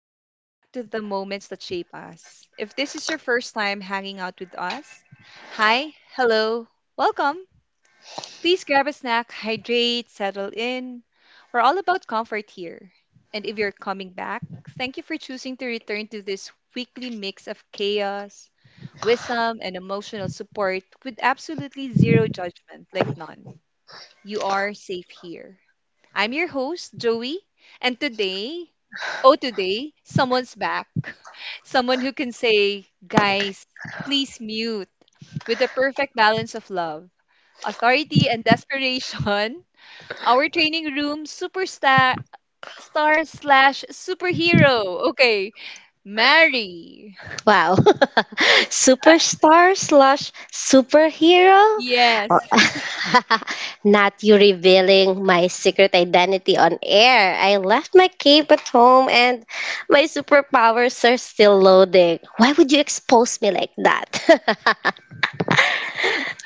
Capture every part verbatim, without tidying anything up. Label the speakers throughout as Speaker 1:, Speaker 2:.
Speaker 1: Welcome back to the moments that shape us. If this is your first time hanging out with us, hi, hello, welcome. Please grab a snack, hydrate, settle in. We're all about comfort here. And if you're coming back, thank you for choosing to return to this weekly mix of chaos, wisdom, and emotional support with absolutely zero judgment, like none. You are safe here. I'm your host, Joey, and today, oh, today, someone's back. Someone who can say, guys, please mute with the perfect balance of love, authority, and desperation. Our training room superstar star slash superhero. Okay, Mary.
Speaker 2: Wow. Superstar slash superhero? Oh,
Speaker 1: Yes.
Speaker 2: Not you revealing my secret identity on air. I left my cape at home and my superpowers are still loading. Why would you expose me like that?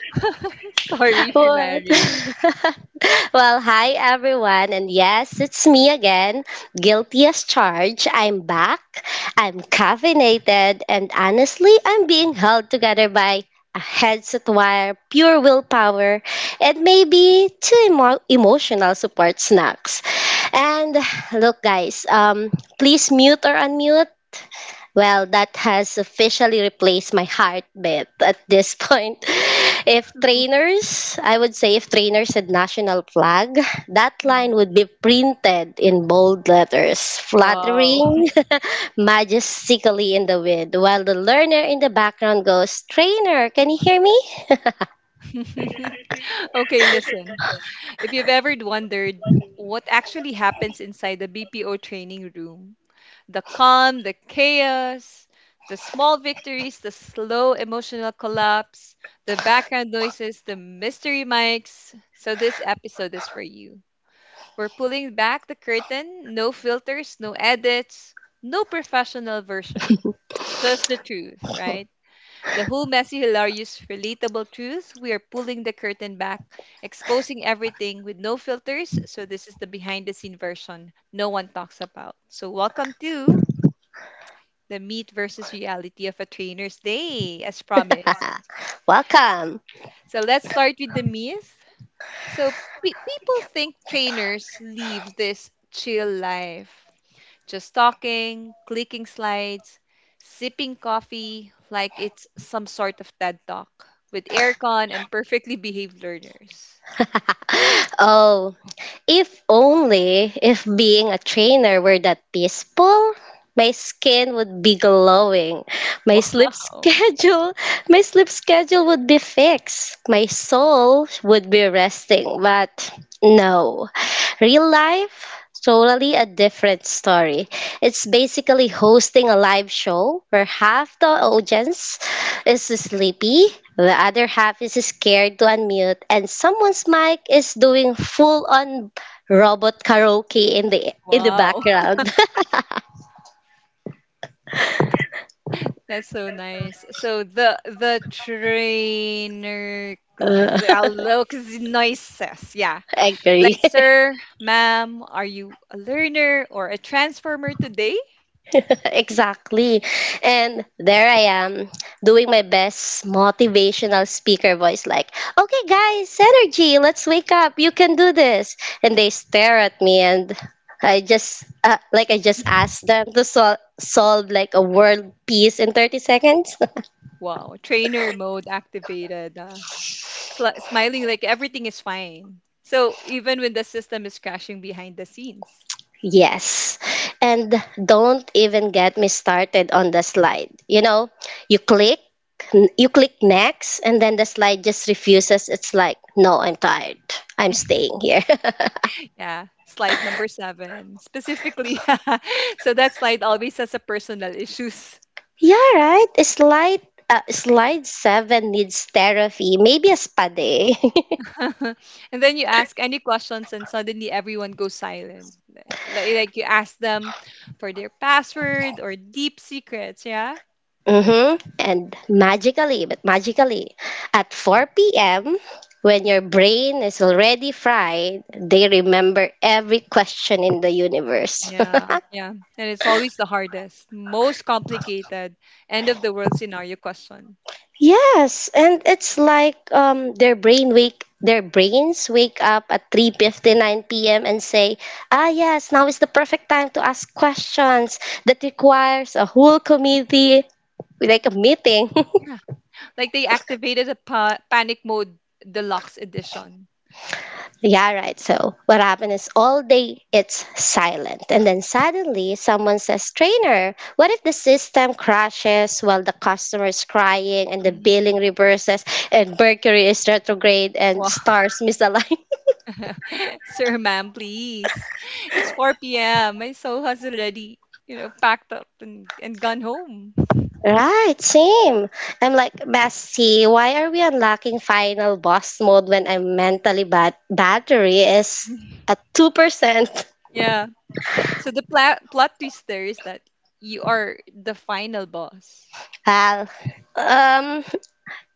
Speaker 1: Sorry,
Speaker 2: what?
Speaker 1: Mary.
Speaker 2: Well, hi everyone, and yes, it's me again, guilty as charged. I'm back, I'm caffeinated, and honestly, I'm being held together by a headset wire, pure willpower, and maybe two emo- emotional support snacks. And look, guys, um, please mute or unmute well, That has officially replaced my heartbeat at this point. If trainers, I would say if trainers said national flag, that
Speaker 1: Mhm.
Speaker 2: line would be printed in bold letters,
Speaker 1: Wow.
Speaker 2: fluttering majestically in the wind, while the learner in the background goes, "Trainer, can you hear me?"
Speaker 1: Okay, listen. If you've ever wondered what actually happens inside the B P O training room, the calm, the chaos, the small victories, the slow emotional collapse, the background noises, the mystery mics. So, this episode is for you. We're pulling back the curtain, no filters, no edits, no professional version, just the truth, right? The whole messy, hilarious, relatable truth. We are pulling the curtain back, exposing everything with no filters. So, this is the behind the scene version no one talks about. So, welcome to the meat versus reality of a trainer's day, as promised.
Speaker 2: Welcome.
Speaker 1: So, let's start with the myth. So, pe- people think trainers live this chill life. Just talking, clicking slides, sipping coffee like it's some sort of TED Talk with aircon and perfectly behaved learners.
Speaker 2: oh, If only if being a trainer were that peaceful, my skin would be glowing. My sleep
Speaker 1: Wow.
Speaker 2: schedule, my sleep schedule would be fixed. My soul would be resting, but no. Real life totally a different story. It's basically hosting a live show where half the audience is sleepy, the other half is scared to unmute, and someone's mic is doing full on robot karaoke in the in the
Speaker 1: Wow.
Speaker 2: background.
Speaker 1: That's so nice. So the the trainer
Speaker 2: Uh,
Speaker 1: looks noises. Yeah.
Speaker 2: I agree.
Speaker 1: Like, sir, ma'am, are you a learner or a transformer today?
Speaker 2: exactly. And there I am doing my best motivational speaker voice like, "Okay guys, energy, let's wake up. You can do this." And they stare at me and I just uh, like I just asked them to sol- solve like a world peace in thirty seconds.
Speaker 1: Wow. Trainer mode activated. Uh, sli- smiling like everything is fine. So even when the system is crashing behind the scenes.
Speaker 2: Yes. And don't even get me started on the slide. You know, you click, you click next, and then the slide just refuses. It's like, no, I'm tired. I'm staying here.
Speaker 1: Yeah, slide number seven specifically. So that slide always has a personal issues.
Speaker 2: yeah, right. Slide, uh, slide seven needs therapy, maybe a spa day.
Speaker 1: And then you ask any questions, and suddenly everyone goes silent. Like, like like you ask them for their password or deep secrets. Yeah.
Speaker 2: Mm-hmm. And magically, but magically, at four p m, when your brain is already fried, they remember every question in the universe.
Speaker 1: Yeah, yeah. And it's always the hardest, most complicated end of the world scenario question.
Speaker 2: Yes, and it's like um their brain wake their brains wake up at three fifty-nine p m and say, "Ah yes, now is the perfect time to ask questions that requires a whole committee, like a meeting."
Speaker 1: Like they activated a pa- panic mode deluxe edition.
Speaker 2: yeah, right. So, what happened is all day it's silent. And then suddenly someone says, "Trainer, what if the system crashes while the customer is crying and the
Speaker 1: Mhm.
Speaker 2: billing reverses and Mercury is retrograde and
Speaker 1: Wow.
Speaker 2: stars misalign?"
Speaker 1: Sir, ma'am, please. It's four p m. My soul has already, you know, packed up and, and gone home.
Speaker 2: Right, same. I'm like, "Bestie, why are we unlocking final boss mode when I'm mentally bat battery is at two percent"
Speaker 1: Yeah. So the pla- plot twist there is that you are the final boss.
Speaker 2: Hal, um,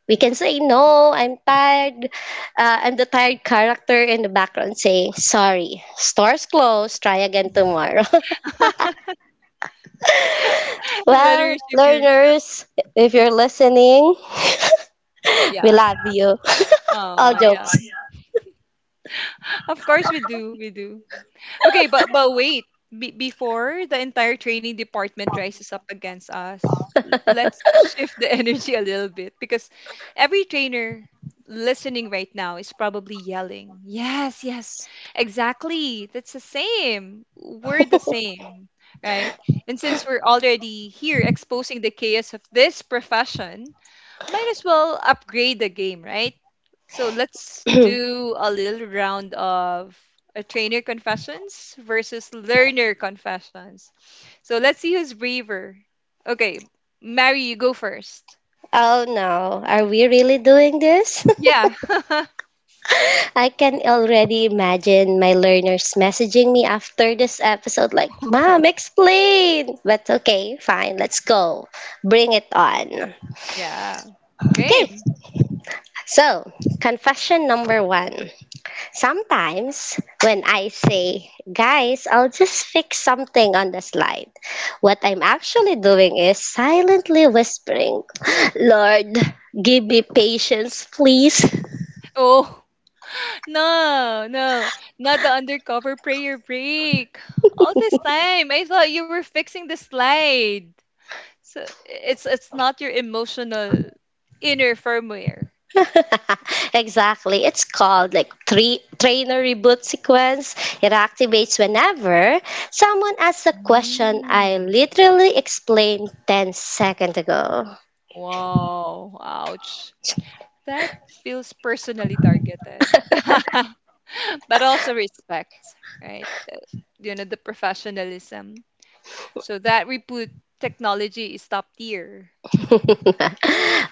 Speaker 2: we can say no, I'm tired. Uh, I'm the tired character in the background saying, "Sorry, store's closed, try again tomorrow." Well,
Speaker 1: Letters if you're
Speaker 2: learners, if you're listening, we
Speaker 1: yeah.
Speaker 2: love you. All
Speaker 1: Oh yeah.
Speaker 2: jokes.
Speaker 1: Of course we do. We do. Okay, but but wait. Be Before the entire training department rises up against us, l- let's shift the energy a little bit because every trainer listening right now is probably yelling, "Yes, yes. Exactly. That's the same. We're the same." Right? And since we're already here exposing the chaos of this profession, might as well upgrade the game, right? So let's do a little round of a trainer confessions versus learner confessions. So let's see who's braver. Okay, Mary, you go first.
Speaker 2: oh no, are we really doing this?
Speaker 1: Yeah.
Speaker 2: I can already imagine my learners messaging me after this episode, like, "Mom, explain!" But okay, fine, let's go. Bring it on.
Speaker 1: Yeah.
Speaker 2: Okay,
Speaker 1: Game.
Speaker 2: so confession number one. Sometimes when I say, "Guys, I'll just fix something on the slide," what I'm actually doing is silently whispering, "Lord, give me patience, please."
Speaker 1: Oh, no, no. Not the undercover prayer break. All this time, I thought you were fixing the slide. So it's it's not your emotional inner firmware.
Speaker 2: exactly. It's called like three trainer reboot sequence. It activates whenever someone asks a question I
Speaker 1: Mm.
Speaker 2: literally explained ten seconds ago.
Speaker 1: Wow, ouch. That feels personally targeted, but also respect, right? Uh, You know, the professionalism. So that repute technology is top tier.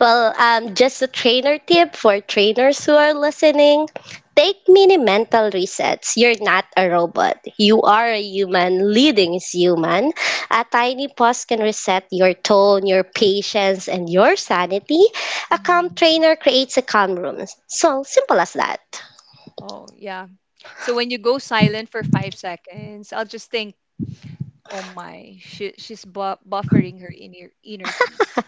Speaker 2: well, um, Just a trainer tip for trainers who are listening. Take mini mental resets. You're not a robot. You are a human.
Speaker 1: Yeah.
Speaker 2: Leading is human. A tiny pause can reset your tone, your patience, and your sanity. A calm
Speaker 1: Mhm.
Speaker 2: trainer creates a calm room. So simple as that.
Speaker 1: Oh, yeah. So when you go silent for five seconds, I'll just think, oh my, she, she's bu buffering her inner inner peace.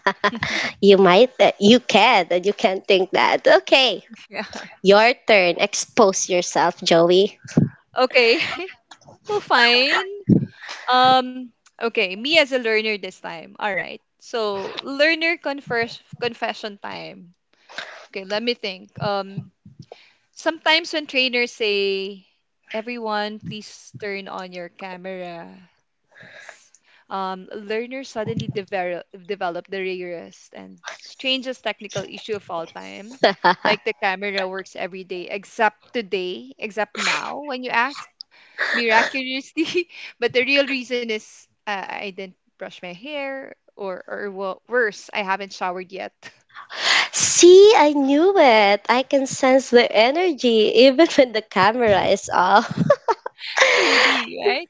Speaker 2: You might, th- you can, and you can think that. Okay,
Speaker 1: Yeah.
Speaker 2: your turn. Expose yourself, Joey.
Speaker 1: Okay. Well, fine. Um, okay, me as a learner this time. All right. So, learner confers confession time. Okay, let me think. Um, sometimes when trainers say, "Everyone, please turn on your camera," s- um, learner suddenly develop develop the rarest and strangest technical issue of all time. Like the camera works every day except today, except now when you ask miraculously. But the real reason is uh, I didn't brush my hair, or or wo- worse, I haven't showered yet.
Speaker 2: See, I knew it. I can sense the energy even when the camera is off.
Speaker 1: Really, right?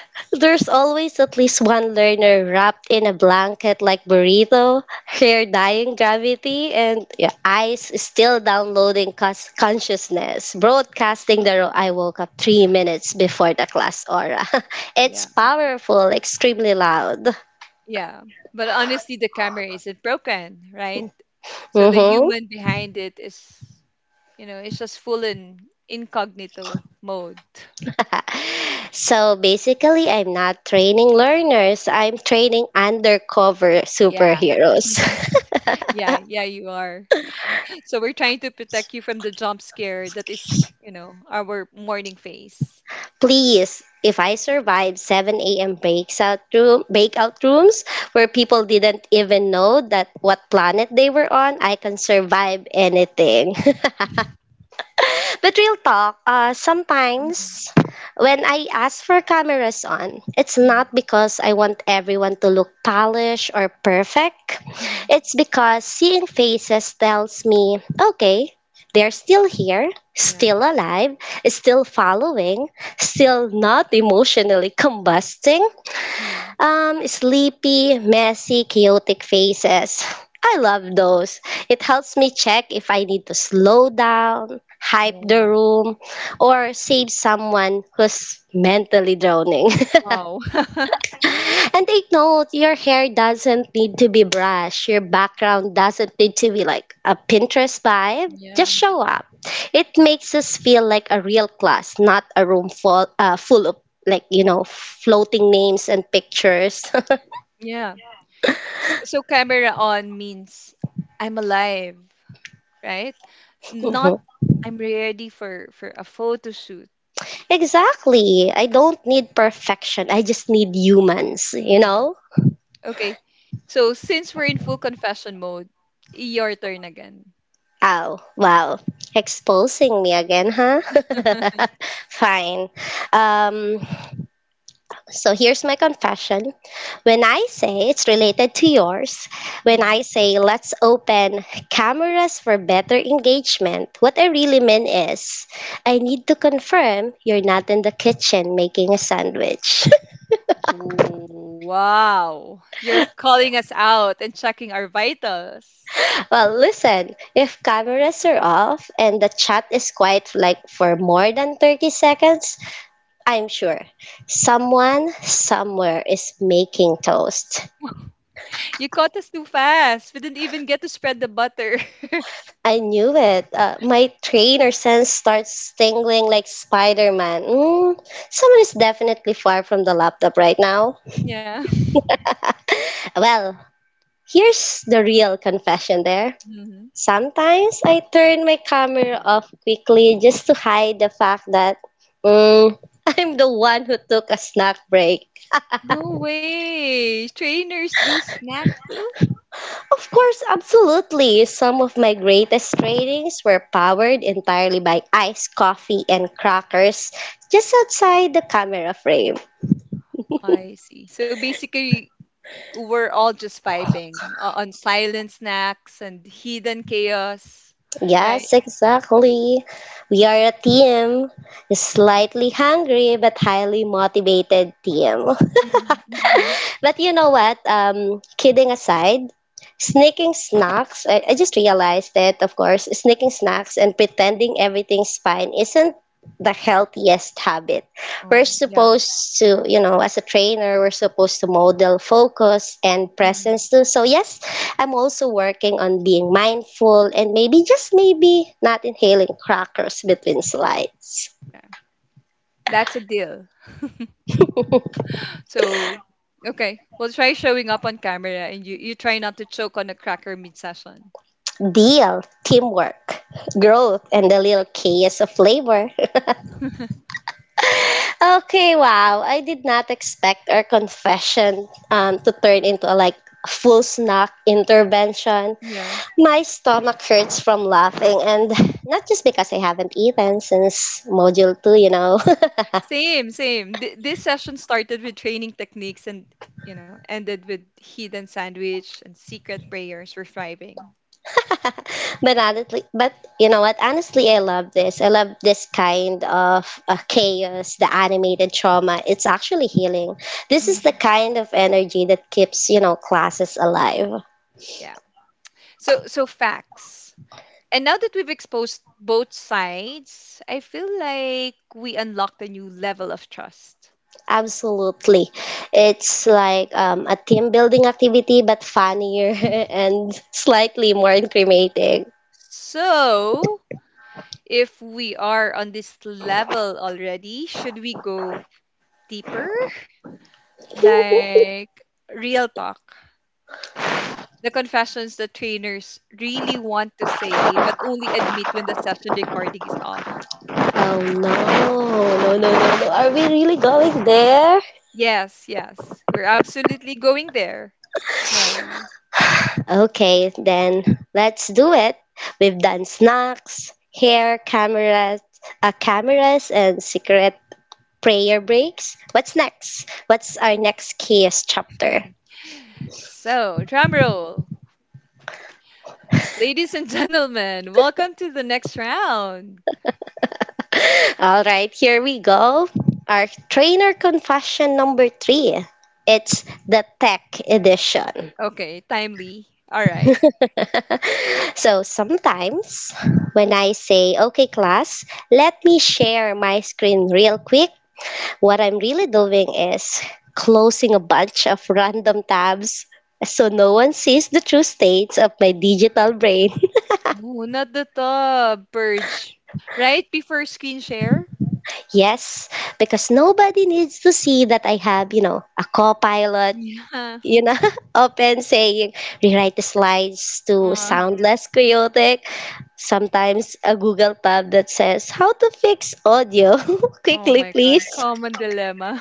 Speaker 2: There's always at least one learner wrapped in a blanket like burrito, hair dying gravity, and your eyes still downloading cons- consciousness, broadcasting the ro- I woke up three minutes before the class aura. it's
Speaker 1: Yeah,
Speaker 2: powerful, extremely loud.
Speaker 1: yeah. But honestly, the camera isn't broken, right? So the
Speaker 2: Hmm.
Speaker 1: human behind it is, you know, it's just full in incognito mode.
Speaker 2: So basically, I'm not training learners, I'm training undercover
Speaker 1: Yeah.
Speaker 2: superheroes.
Speaker 1: Yeah, yeah, you are. So we're trying to protect you from the jump scare that is, you know, our morning face.
Speaker 2: Please, if I survived seven a m breakout room breakout rooms where people didn't even know that what planet they were on, I can survive anything. But real talk, uh,
Speaker 1: Hmm.
Speaker 2: sometimes when I ask for cameras on, it's
Speaker 1: Hmm.
Speaker 2: not because I want everyone to look polished or perfect.
Speaker 1: Hmm.
Speaker 2: It's because seeing faces tells me, okay, they're still here,
Speaker 1: Yeah.
Speaker 2: still alive, still following, still not emotionally combusting.
Speaker 1: Yeah.
Speaker 2: Um, sleepy, messy, chaotic faces. I love those. It helps me check if I need to slow down, hype the
Speaker 1: Yeah.
Speaker 2: room, or save someone who's mentally drowning.
Speaker 1: Wow.
Speaker 2: and take note, your hair doesn't need to be brushed. Your background doesn't need to be like a Pinterest vibe. Just
Speaker 1: Yeah.
Speaker 2: show up. It makes us feel like a real class, not a room full, uh, full of like, you know, floating names and pictures.
Speaker 1: Yeah. S- So camera on means I'm alive, right? Not I'm ready for for a photo shoot.
Speaker 2: Exactly. I don't need perfection. I just need humans, you
Speaker 1: Yeah.
Speaker 2: know?
Speaker 1: Okay. So since we're in full confession mode, your turn again.
Speaker 2: Oh, wow. Exposing me again, huh? Fine. Um, so here's my confession. When I say it's related to yours, when
Speaker 1: Mm.
Speaker 2: I say let's open cameras for better engagement, what I really mean is I need to confirm you're not in the kitchen making a sandwich.
Speaker 1: Oh, wow. You're calling us out and checking our vitals.
Speaker 2: Well, listen, if cameras are off and the chat is quiet like for more than thirty seconds, I'm sure someone somewhere is making toast.
Speaker 1: You caught us too fast. We didn't even get to spread the butter.
Speaker 2: I knew it. Uh, my trainer sense starts tingling like Spider Man. Mm, someone is definitely far from the laptop right now.
Speaker 1: Yeah.
Speaker 2: Well, here's the real confession there. Sometimes I turn my camera off quickly just to hide the fact that mm, I'm the one who took a snack break.
Speaker 1: No way. Trainers do snack too?
Speaker 2: Of course, absolutely. Some of my greatest trainings were powered entirely by iced coffee and crackers just outside the camera frame.
Speaker 1: I see. So basically, we're all just vibing o- on silent snacks and hidden chaos,
Speaker 2: Yes,
Speaker 1: right?
Speaker 2: exactly. We are a team. A
Speaker 1: Yeah.
Speaker 2: slightly hungry but highly motivated team.
Speaker 1: Hmm. Hmm.
Speaker 2: But you know what? Um, kidding aside, sneaking snacks, I, I just realized that, of course, sneaking snacks and pretending everything's fine isn't the healthiest habit. We're
Speaker 1: Oh, yeah.
Speaker 2: supposed to, you know, as a trainer, we're supposed to model focus and presence
Speaker 1: Hmm.
Speaker 2: too. So, yes, I'm also working on being mindful and maybe, just maybe, not inhaling crackers between slides.
Speaker 1: Yeah. That's a deal. So, okay. We'll try showing up on camera and you, you try not to choke on a cracker mid session.
Speaker 2: Deal, teamwork, growth, and a little chaos of flavor. Okay, wow. I did not expect our confession um, to turn into a like full snack intervention.
Speaker 1: Yeah.
Speaker 2: My stomach hurts from laughing, and not just because I haven't eaten since module two, you know.
Speaker 1: Same, same. Th- this session started with training techniques and, you know, ended with hidden sandwich and secret prayers for thriving.
Speaker 2: but honestly, but You know what? Honestly, I love this. I love this kind of uh, chaos, the animated trauma. It's actually healing. This is the
Speaker 1: Mhm.
Speaker 2: kind of energy that keeps you know classes alive.
Speaker 1: Yeah. So, so facts. And now that we've exposed both sides, I feel like we unlocked a new level of trust.
Speaker 2: Absolutely. It's like um, a team building activity, but funnier and slightly more incriminating.
Speaker 1: So, if we are on this level already, should we go deeper? Like real talk. Yeah. The confessions that trainers really want to say, but only admit when the session recording is off.
Speaker 2: Oh no, no, no, no, no. are we really going there?
Speaker 1: Yes, yes. We're absolutely going there, Mary.
Speaker 2: Okay, then let's do it. We've done snacks, hair, cameras, uh, cameras, and secret prayer breaks. What's next? What's our next chaos chapter?
Speaker 1: So, drum roll. Ladies and gentlemen, welcome to the next round.
Speaker 2: All right, here we go. Our trainer confession number three. It's the tech edition.
Speaker 1: Okay, timely. All right.
Speaker 2: so sometimes when I say, "Okay, class, let me share my screen real quick," what I'm really doing is closing a bunch of random tabs so no one sees the true states of my digital brain.
Speaker 1: Oh, not the top purge. Right before screen share?
Speaker 2: yes, because nobody needs to see that I have, you know, a copilot
Speaker 1: Yeah.
Speaker 2: you know, often saying rewrite the slides to
Speaker 1: Uh,
Speaker 2: sound less chaotic. Sometimes a Google tab that says how to fix audio
Speaker 1: oh
Speaker 2: quickly,
Speaker 1: my God.
Speaker 2: please.
Speaker 1: Common dilemma.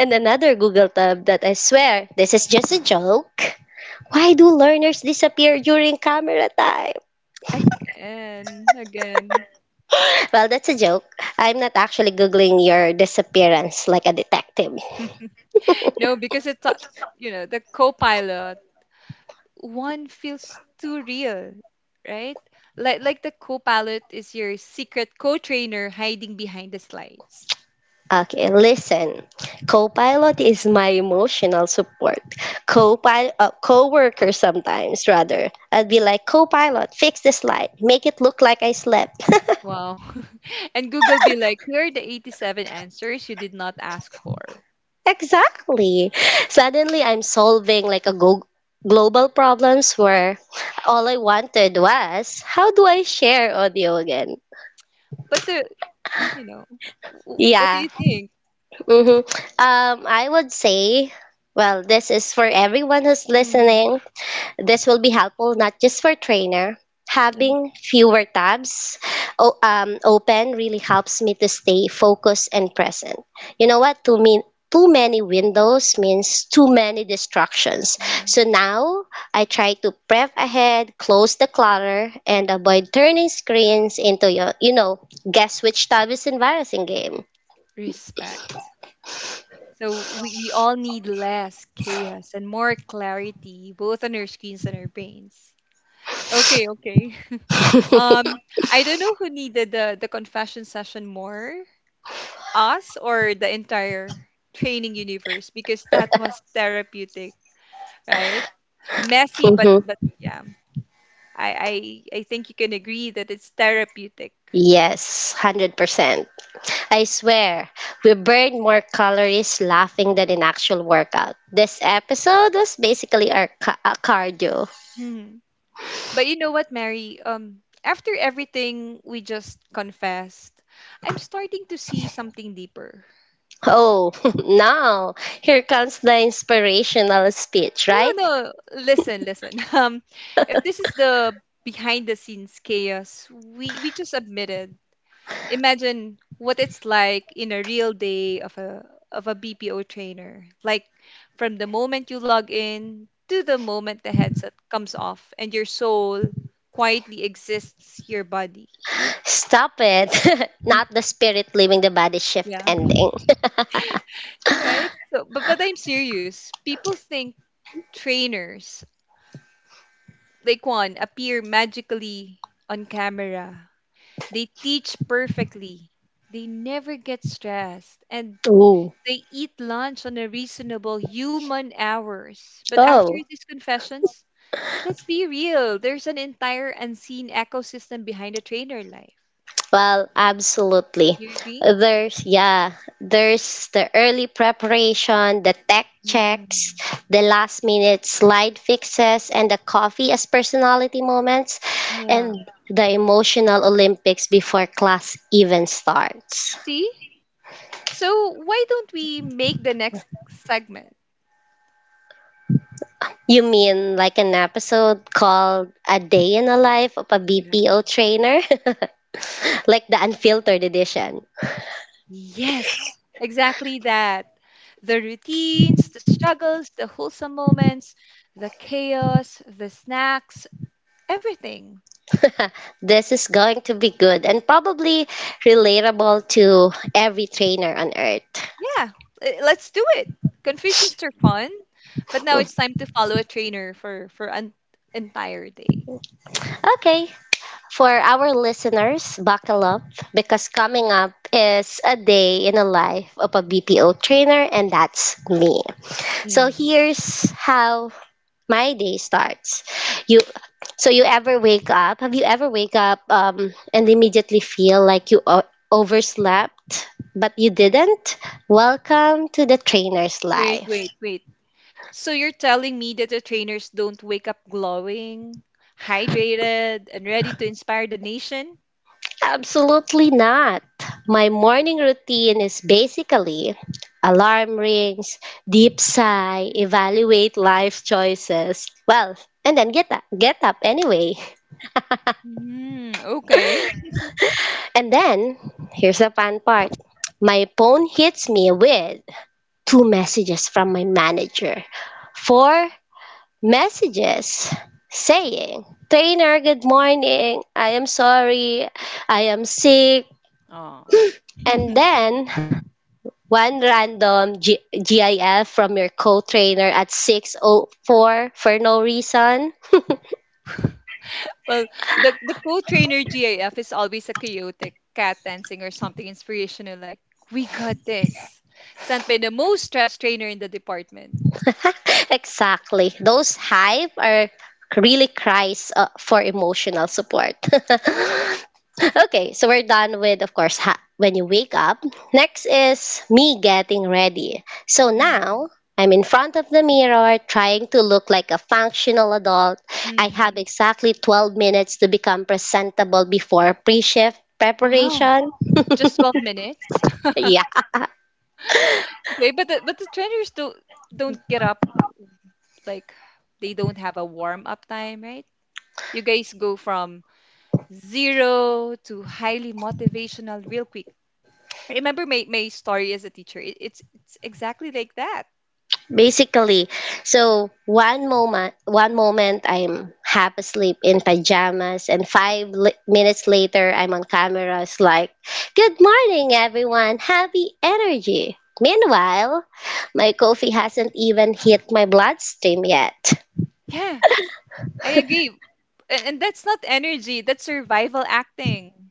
Speaker 2: And another Google tab that I swear this is just a joke. Why do learners disappear during camera time?
Speaker 1: Again, again.
Speaker 2: Well, that's a joke. I'm not actually Googling your disappearance like a detective.
Speaker 1: No, because it's uh, you know the co-pilot one feels too real, right? Like like the co-pilot is your secret co-trainer hiding behind the slides.
Speaker 2: Okay, listen. Copilot is my emotional support. Copilot, uh, coworker sometimes rather. I'd be like, "Copilot, fix this light, make it look like I slept."
Speaker 1: Wow. And Google be like, here are the eighty-seven answers you did not ask for.
Speaker 2: Exactly. Suddenly, I'm solving like a go- global problems where all I wanted was, how do I share audio again?
Speaker 1: But the you know, w- what do
Speaker 2: Yeah.
Speaker 1: you think?
Speaker 2: Hmm. Um, I would say, well, this is for everyone who's
Speaker 1: Mhm.
Speaker 2: listening. This will be helpful not just for trainer.
Speaker 1: Yeah.
Speaker 2: Having fewer tabs o- um, open really helps me to stay focused and present. You know what? To me, too many windows means too many distractions.
Speaker 1: Yeah.
Speaker 2: So now I try to prep ahead, close the clutter, and avoid turning screens into your, you know, guess which tab is embarrassing game.
Speaker 1: Respect. So we, we all need less chaos and more clarity, both on our screens and our brains. Okay, okay. Um, I don't know who needed the the confession session more, us or the entire training universe, because that was therapeutic, right? Messy, but but
Speaker 2: Mm-hmm.
Speaker 1: yeah, I I I think you can agree that it's therapeutic.
Speaker 2: Yes, one hundred percent. I swear, we burned more calories laughing than in actual workout. This episode was basically our ca- uh, cardio.
Speaker 1: Mhm. But you know what, Mary? Um, after everything we just confessed, I'm starting to see something deeper.
Speaker 2: Oh, now here comes the inspirational speech,
Speaker 1: No,
Speaker 2: right?
Speaker 1: no, listen, listen. Um, if this is the behind the scenes chaos we we just admitted imagine what it's like in a real day of a of a B P O trainer. Like from the moment you log in to the moment the headset comes off and your soul quietly exists your body.
Speaker 2: Stop it. Not the spirit leaving the body shift
Speaker 1: Yeah.
Speaker 2: ending.
Speaker 1: Right? So but but I'm serious. People think trainers like one appear magically on camera. They teach perfectly. They never get stressed and
Speaker 2: Ooh.
Speaker 1: they eat lunch on a reasonable human hours. But after
Speaker 2: Oh.
Speaker 1: these confessions, let's be real. There's an entire unseen ecosystem behind the trainer life.
Speaker 2: Well, absolutely.
Speaker 1: You agree?
Speaker 2: There's, yeah, there's the early preparation, the tech checks,
Speaker 1: Mm.
Speaker 2: the last minute slide fixes, and the coffee as personality moments, and
Speaker 1: Yeah.
Speaker 2: the emotional Olympics before class even starts.
Speaker 1: See? So why don't we make the next segment?
Speaker 2: You mean like an episode called "A Day in the Life of a
Speaker 1: Yeah.
Speaker 2: B P O Trainer"? like the unfiltered edition.
Speaker 1: Yes, exactly that. The routines, the struggles, the wholesome moments, the chaos, the snacks, everything.
Speaker 2: This is going to be good and probably relatable to every trainer on earth.
Speaker 1: Yeah, eh, let's do it. Confessions are fun, but now it's time to follow a trainer for for an entire day.
Speaker 2: Okay, for our listeners, buckle up because coming up is a day in the life of a B P O trainer, and that's me. So
Speaker 1: Mhm.
Speaker 2: here's how my day starts. You so you ever wake up? Have you ever wake up um, and immediately feel like you o- overslept, but you didn't? Welcome to the trainer's
Speaker 1: Wait,
Speaker 2: life.
Speaker 1: wait, wait. So you're telling me that the trainers don't wake up glowing, hydrated, and ready to inspire the nation?
Speaker 2: Absolutely not. My morning routine is basically alarm rings, deep sigh, evaluate life choices. Well, and then get up, get up anyway.
Speaker 1: Hmm, okay.
Speaker 2: And then here's the fun part. My phone hits me with two messages from my manager. Four messages saying, "Trainer, good morning. I am sorry. I am sick."
Speaker 1: Oh.
Speaker 2: And then one random G- GIF from your co-trainer at six oh four for no reason.
Speaker 1: Well, the the co-trainer GIF is always a chaotic cat dancing or something inspirational like, "We got this." Sent by the most stressed trainer in the department.
Speaker 2: Exactly. Those hype are really cries uh, for emotional support.
Speaker 1: Yeah.
Speaker 2: okay, so we're done with, of course, ha- when you wake up. Next is me getting ready. So now
Speaker 1: Mhm.
Speaker 2: I'm in front of the mirror trying to look like a functional adult. I have
Speaker 1: Mhm.
Speaker 2: exactly twelve minutes to become presentable before pre shift
Speaker 1: Wow.
Speaker 2: preparation.
Speaker 1: Just twelve minutes?
Speaker 2: Yeah,
Speaker 1: Okay, but the, but the trainers don't don't get up like they don't have a warm up time, right? You guys go from zero to highly motivational real quick. I remember my, my story as a teacher. It, it's it's exactly like that.
Speaker 2: basically. So one moment, one moment I'm half asleep in pajamas, and five li- minutes later I'm on cameras like, "Good morning, everyone. Happy energy." Meanwhile, my coffee hasn't even hit my bloodstream yet.
Speaker 1: Yeah, I agree. And, and that's not energy, that's survival acting.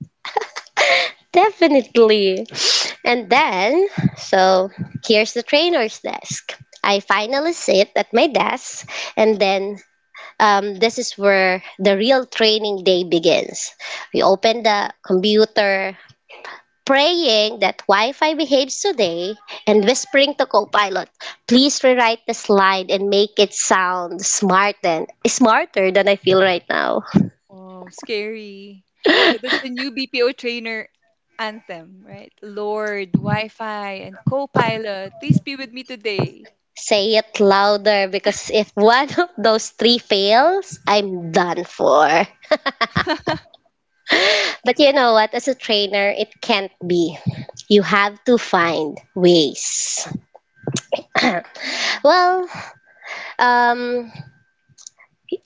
Speaker 2: Definitely. And then, so here's the trainer's desk. I finally sit at my desk, and then um, this is where the real training day begins. We open the computer, praying that Wi Fi behaves today, and whispering to Copilot, please rewrite the slide and make it sound smart and smarter than I feel right now.
Speaker 1: Wow, scary. So that's the new B P O trainer anthem, right? Lord, Wi-Fi, and co-pilot, please be with me today.
Speaker 2: Say it louder because if one of those three fails, I'm done for. But you know what? As a trainer, it can't be. You have to find ways.
Speaker 1: Mm,
Speaker 2: Well, um,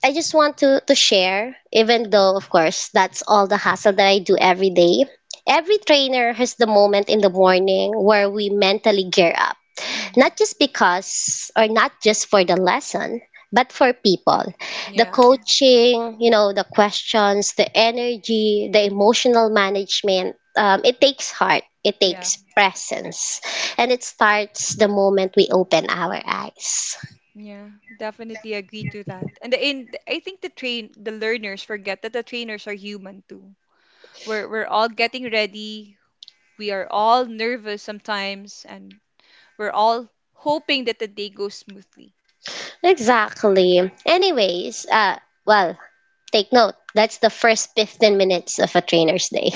Speaker 2: I just want to to share, even though of course that's all the hassle that I do
Speaker 1: mhm,
Speaker 2: every day. Every trainer has the moment in the morning where we mentally gear up,
Speaker 1: mhm.
Speaker 2: not just because or not just for the lesson, but for people. The
Speaker 1: Yeah,
Speaker 2: coaching, you know, the questions, the energy, the emotional management, um, it takes heart, it
Speaker 1: yeah,
Speaker 2: takes presence, and it starts the moment we open our eyes.
Speaker 1: yeah. Definitely agree to that. And the in I think the train the learners forget that the trainers are human too. We're we're all getting ready. We are all nervous sometimes, and we're all hoping that the day goes smoothly.
Speaker 2: Exactly. Anyways, uh, well, take note, that's the first fifteen minutes of a trainer's day.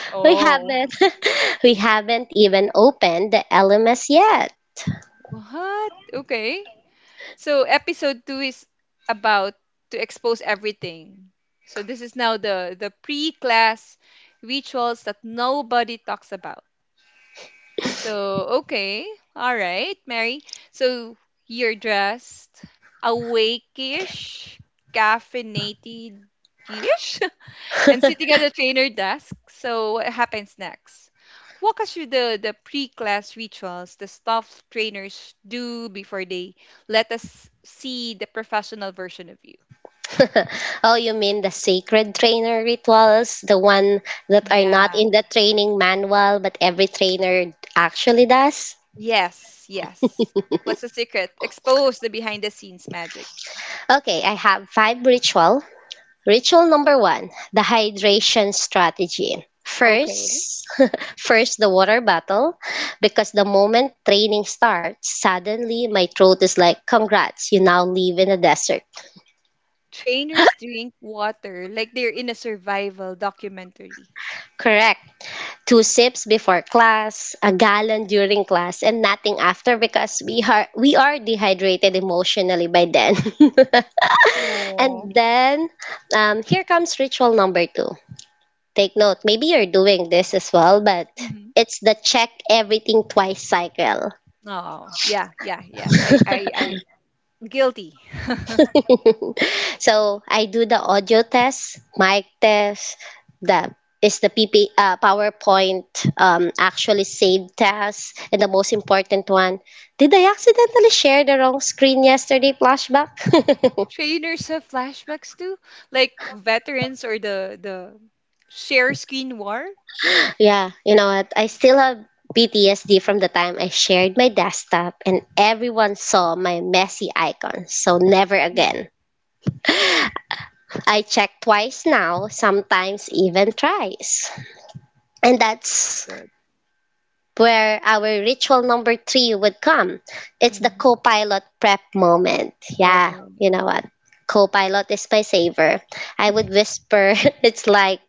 Speaker 2: we
Speaker 1: Oh,
Speaker 2: haven't we haven't even opened the L M S yet.
Speaker 1: what? Okay. So episode two is about to expose everything. So this is now the the pre-class rituals that nobody talks about. So okay, all right, Mary. So you're dressed awake-ish, caffeinated-ish. And sitting at a trainer desk. So what happens next? Walk us through the, the pre-class rituals the staff trainers do before they let us see the professional version of you.
Speaker 2: oh, you mean the sacred trainer rituals, the one that are not
Speaker 1: Yeah.
Speaker 2: in the training manual but every trainer actually does?
Speaker 1: Yes, yes. What's the secret? Expose the behind the scenes magic.
Speaker 2: Okay, I have five ritual ritual number one, the hydration strategy.
Speaker 1: Okay.
Speaker 2: First, first the water bottle, because the moment training starts, suddenly my throat is like, congrats, you now live in a desert.
Speaker 1: Trainers drink water like they're in a survival documentary.
Speaker 2: Correct. Two sips before class, a gallon during class, and nothing after because we are we are dehydrated emotionally by then.
Speaker 1: Oh.
Speaker 2: and then, um, here comes ritual number two. Take note, maybe you're doing this as well, but
Speaker 1: Hmm.
Speaker 2: it's the check everything twice cycle.
Speaker 1: Oh, yeah, yeah, yes. I, I, I, guilty.
Speaker 2: So I do the audio test, mic test, the is the P P uh, PowerPoint um, actually saved task, and the most important one, did I accidentally share the wrong screen yesterday? Flashback.
Speaker 1: Trainers have flashbacks too, like veterans or the the share screen war.
Speaker 2: Yeah, you know what? I still have P T S D from the time I shared my desktop and everyone saw my messy icons. So never
Speaker 1: It's
Speaker 2: again. I check twice now, sometimes even thrice. And that's
Speaker 1: good.
Speaker 2: where our ritual number three would come. It's the
Speaker 1: Hmm.
Speaker 2: co pilot prep moment. Yeah,
Speaker 1: Okay.
Speaker 2: you know what? Co pilot is my saver. I would whisper, it's like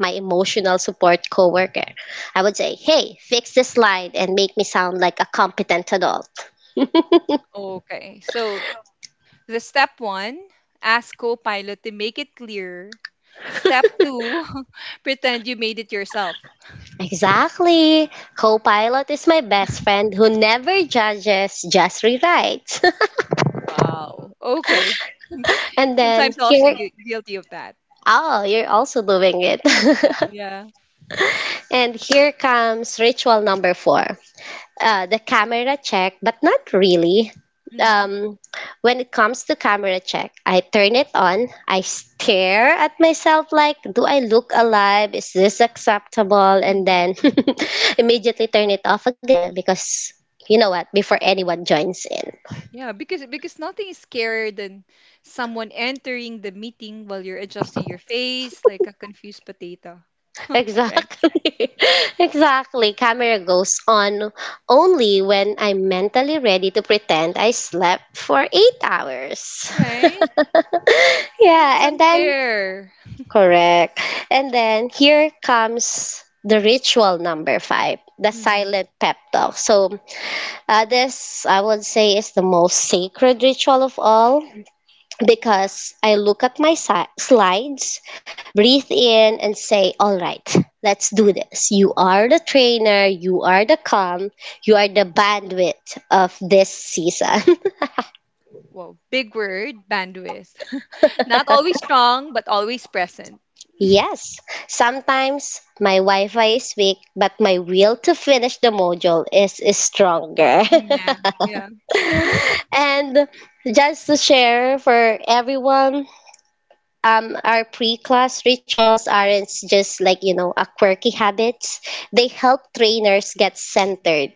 Speaker 2: my emotional support coworker. I would say, hey, fix this slide and make me sound like a competent adult.
Speaker 1: Okay, so the step one, ask Copilot to make it clear. Step two, pretend you made it yourself.
Speaker 2: Exactly. Copilot is my best friend who never judges, just rewrites.
Speaker 1: Wow. Okay.
Speaker 2: and then
Speaker 1: Sometimes also
Speaker 2: here
Speaker 1: gui- guilty of that.
Speaker 2: Oh, you're also doing it.
Speaker 1: Yeah.
Speaker 2: and here comes ritual number four, uh, the camera check, but not really.
Speaker 1: Yeah.
Speaker 2: Um, when it comes to camera check, I turn it on, I stare at myself like, do I look alive? Is this acceptable? And
Speaker 1: hmm
Speaker 2: then immediately turn it off again because you know what, before anyone joins in.
Speaker 1: Yeah, because because nothing is scarier than someone entering the meeting while you're adjusting your face like a confused potato. right?
Speaker 2: Exactly. Exactly. Camera goes on only when I'm mentally ready to pretend I slept for eight hours.
Speaker 1: Right? So it's
Speaker 2: yeah, and then,
Speaker 1: unfair.
Speaker 2: correct. And then here comes the ritual number five, the
Speaker 1: Hmm
Speaker 2: silent pep talk. So, uh, this I would say is the most sacred ritual of all because I look at my si- slides, breathe in, and say, all right, let's do
Speaker 1: hmm
Speaker 2: this. You are the trainer, you are the calm, you are the bandwidth of this season.
Speaker 1: Wow, big word, bandwidth. Not always strong, but always present.
Speaker 2: yes, sometimes my Wi Fi is weak, but my will to finish the module is, is stronger.
Speaker 1: Mm, yeah, yeah.
Speaker 2: and just to share for everyone, um, our pre-class rituals aren't just like you know a quirky habits. They help trainers get centered.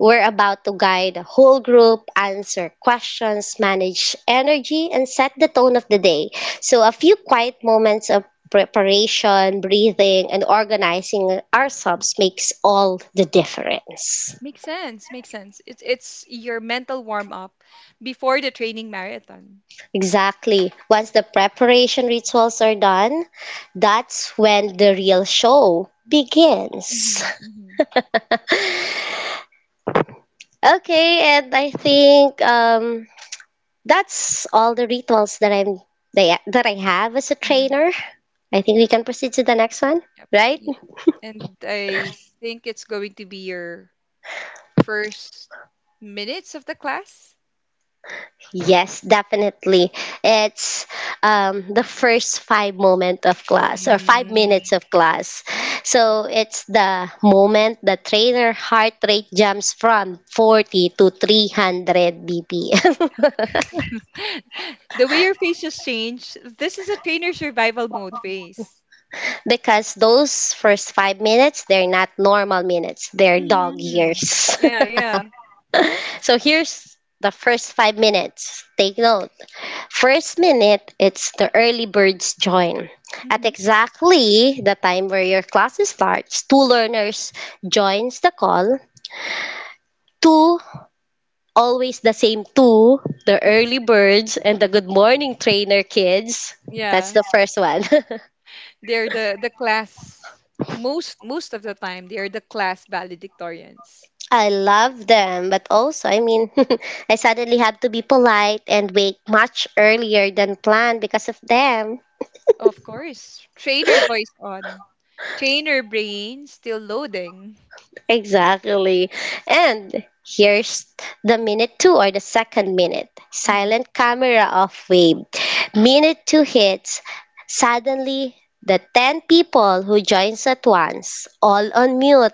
Speaker 2: We're about to guide a whole group, answer questions, manage energy, and set the tone of the day. So a few quiet moments of preparation, breathing, and organizing ourselves makes all the difference.
Speaker 1: Makes sense. Makes sense. It's it's your mental warm up before the training marathon.
Speaker 2: Exactly. Once the preparation rituals are done, that's when the real show begins.
Speaker 1: Mm-hmm, mm-hmm.
Speaker 2: Okay, and I think um, that's all the rituals that I'm that I that I have as a
Speaker 1: Yeah.
Speaker 2: trainer. I think we can proceed to the next one,
Speaker 1: Yep.
Speaker 2: right?
Speaker 1: Y- And I think it's going to be your first minutes of the class.
Speaker 2: Yes, definitely. It's um, the first five moment of class or five minutes
Speaker 1: Mm.
Speaker 2: of class. So it's the moment the trainer heart rate jumps from forty to three hundred B P M.
Speaker 1: The way your face just changed. This is a trainer survival mode face.
Speaker 2: because those first five minutes, they're not normal minutes; they're dog
Speaker 1: Hmm
Speaker 2: years.
Speaker 1: Yeah, yeah,
Speaker 2: So here's the first five minutes. Take note. First minute, it's the early birds join. At
Speaker 1: hmm
Speaker 2: exactly the time where your class starts, two learners joins the call. Two, always the same two, the early birds and the good morning trainer kids. That's
Speaker 1: yeah.
Speaker 2: the first one.
Speaker 1: They're the the class most most of the time. They are the class valedictorians.
Speaker 2: I love them, but also, I mean, I suddenly have to be polite and wake much earlier than planned because of them.
Speaker 1: Of course, trainer voice on, trainer brain still loading.
Speaker 2: Exactly. And here's the minute two, or the second minute.
Speaker 1: Mhm.
Speaker 2: Silent camera off wave. Minute two hits. Suddenly, the ten people who joins at once, all on mute,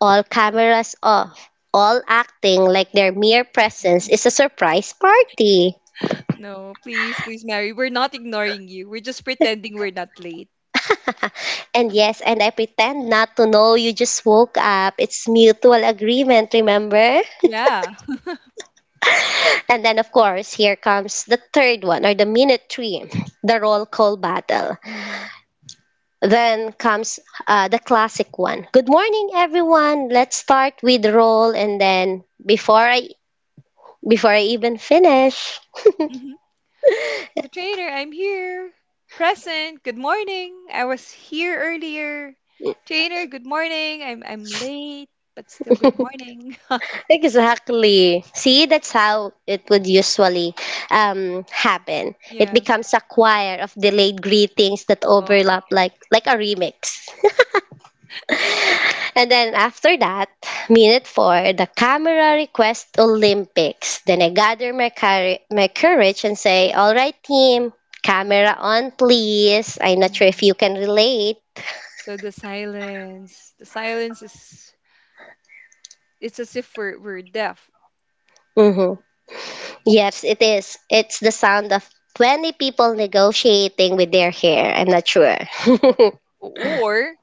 Speaker 2: all cameras off, all acting like their mere presence is a surprise party.
Speaker 1: No, please, please, Mary. We're not ignoring you. We're just pretending we're not late.
Speaker 2: And yes, and I pretend not to know you just woke up. It's mutual agreement, remember?
Speaker 1: Yeah.
Speaker 2: And then, of course, here comes the third one, or the minute three, the roll call battle. Then comes uh, the classic one. Good morning, everyone. Let's start with roll, and then before I before I even finish,
Speaker 1: Mhm. So, trainer, I'm here. Present. Good morning. I was here earlier. Trainer, good morning. I'm I'm late, but still good morning.
Speaker 2: exactly. See, that's how it would usually um, happen. It
Speaker 1: Yeah.
Speaker 2: becomes a choir of delayed greetings that
Speaker 1: Oh.
Speaker 2: overlap, like like a remix. And then after that, minute four, the camera request Olympics. Then I gather my, cour- my courage and say, all right, team, camera on, please. I'm not sure if
Speaker 1: Mm.
Speaker 2: you can relate.
Speaker 1: So the silence. The silence is, it's as if we're we're deaf.
Speaker 2: hmm Yes, it is. It's the sound of twenty people negotiating with their hair. I'm not sure.
Speaker 1: Okay. Or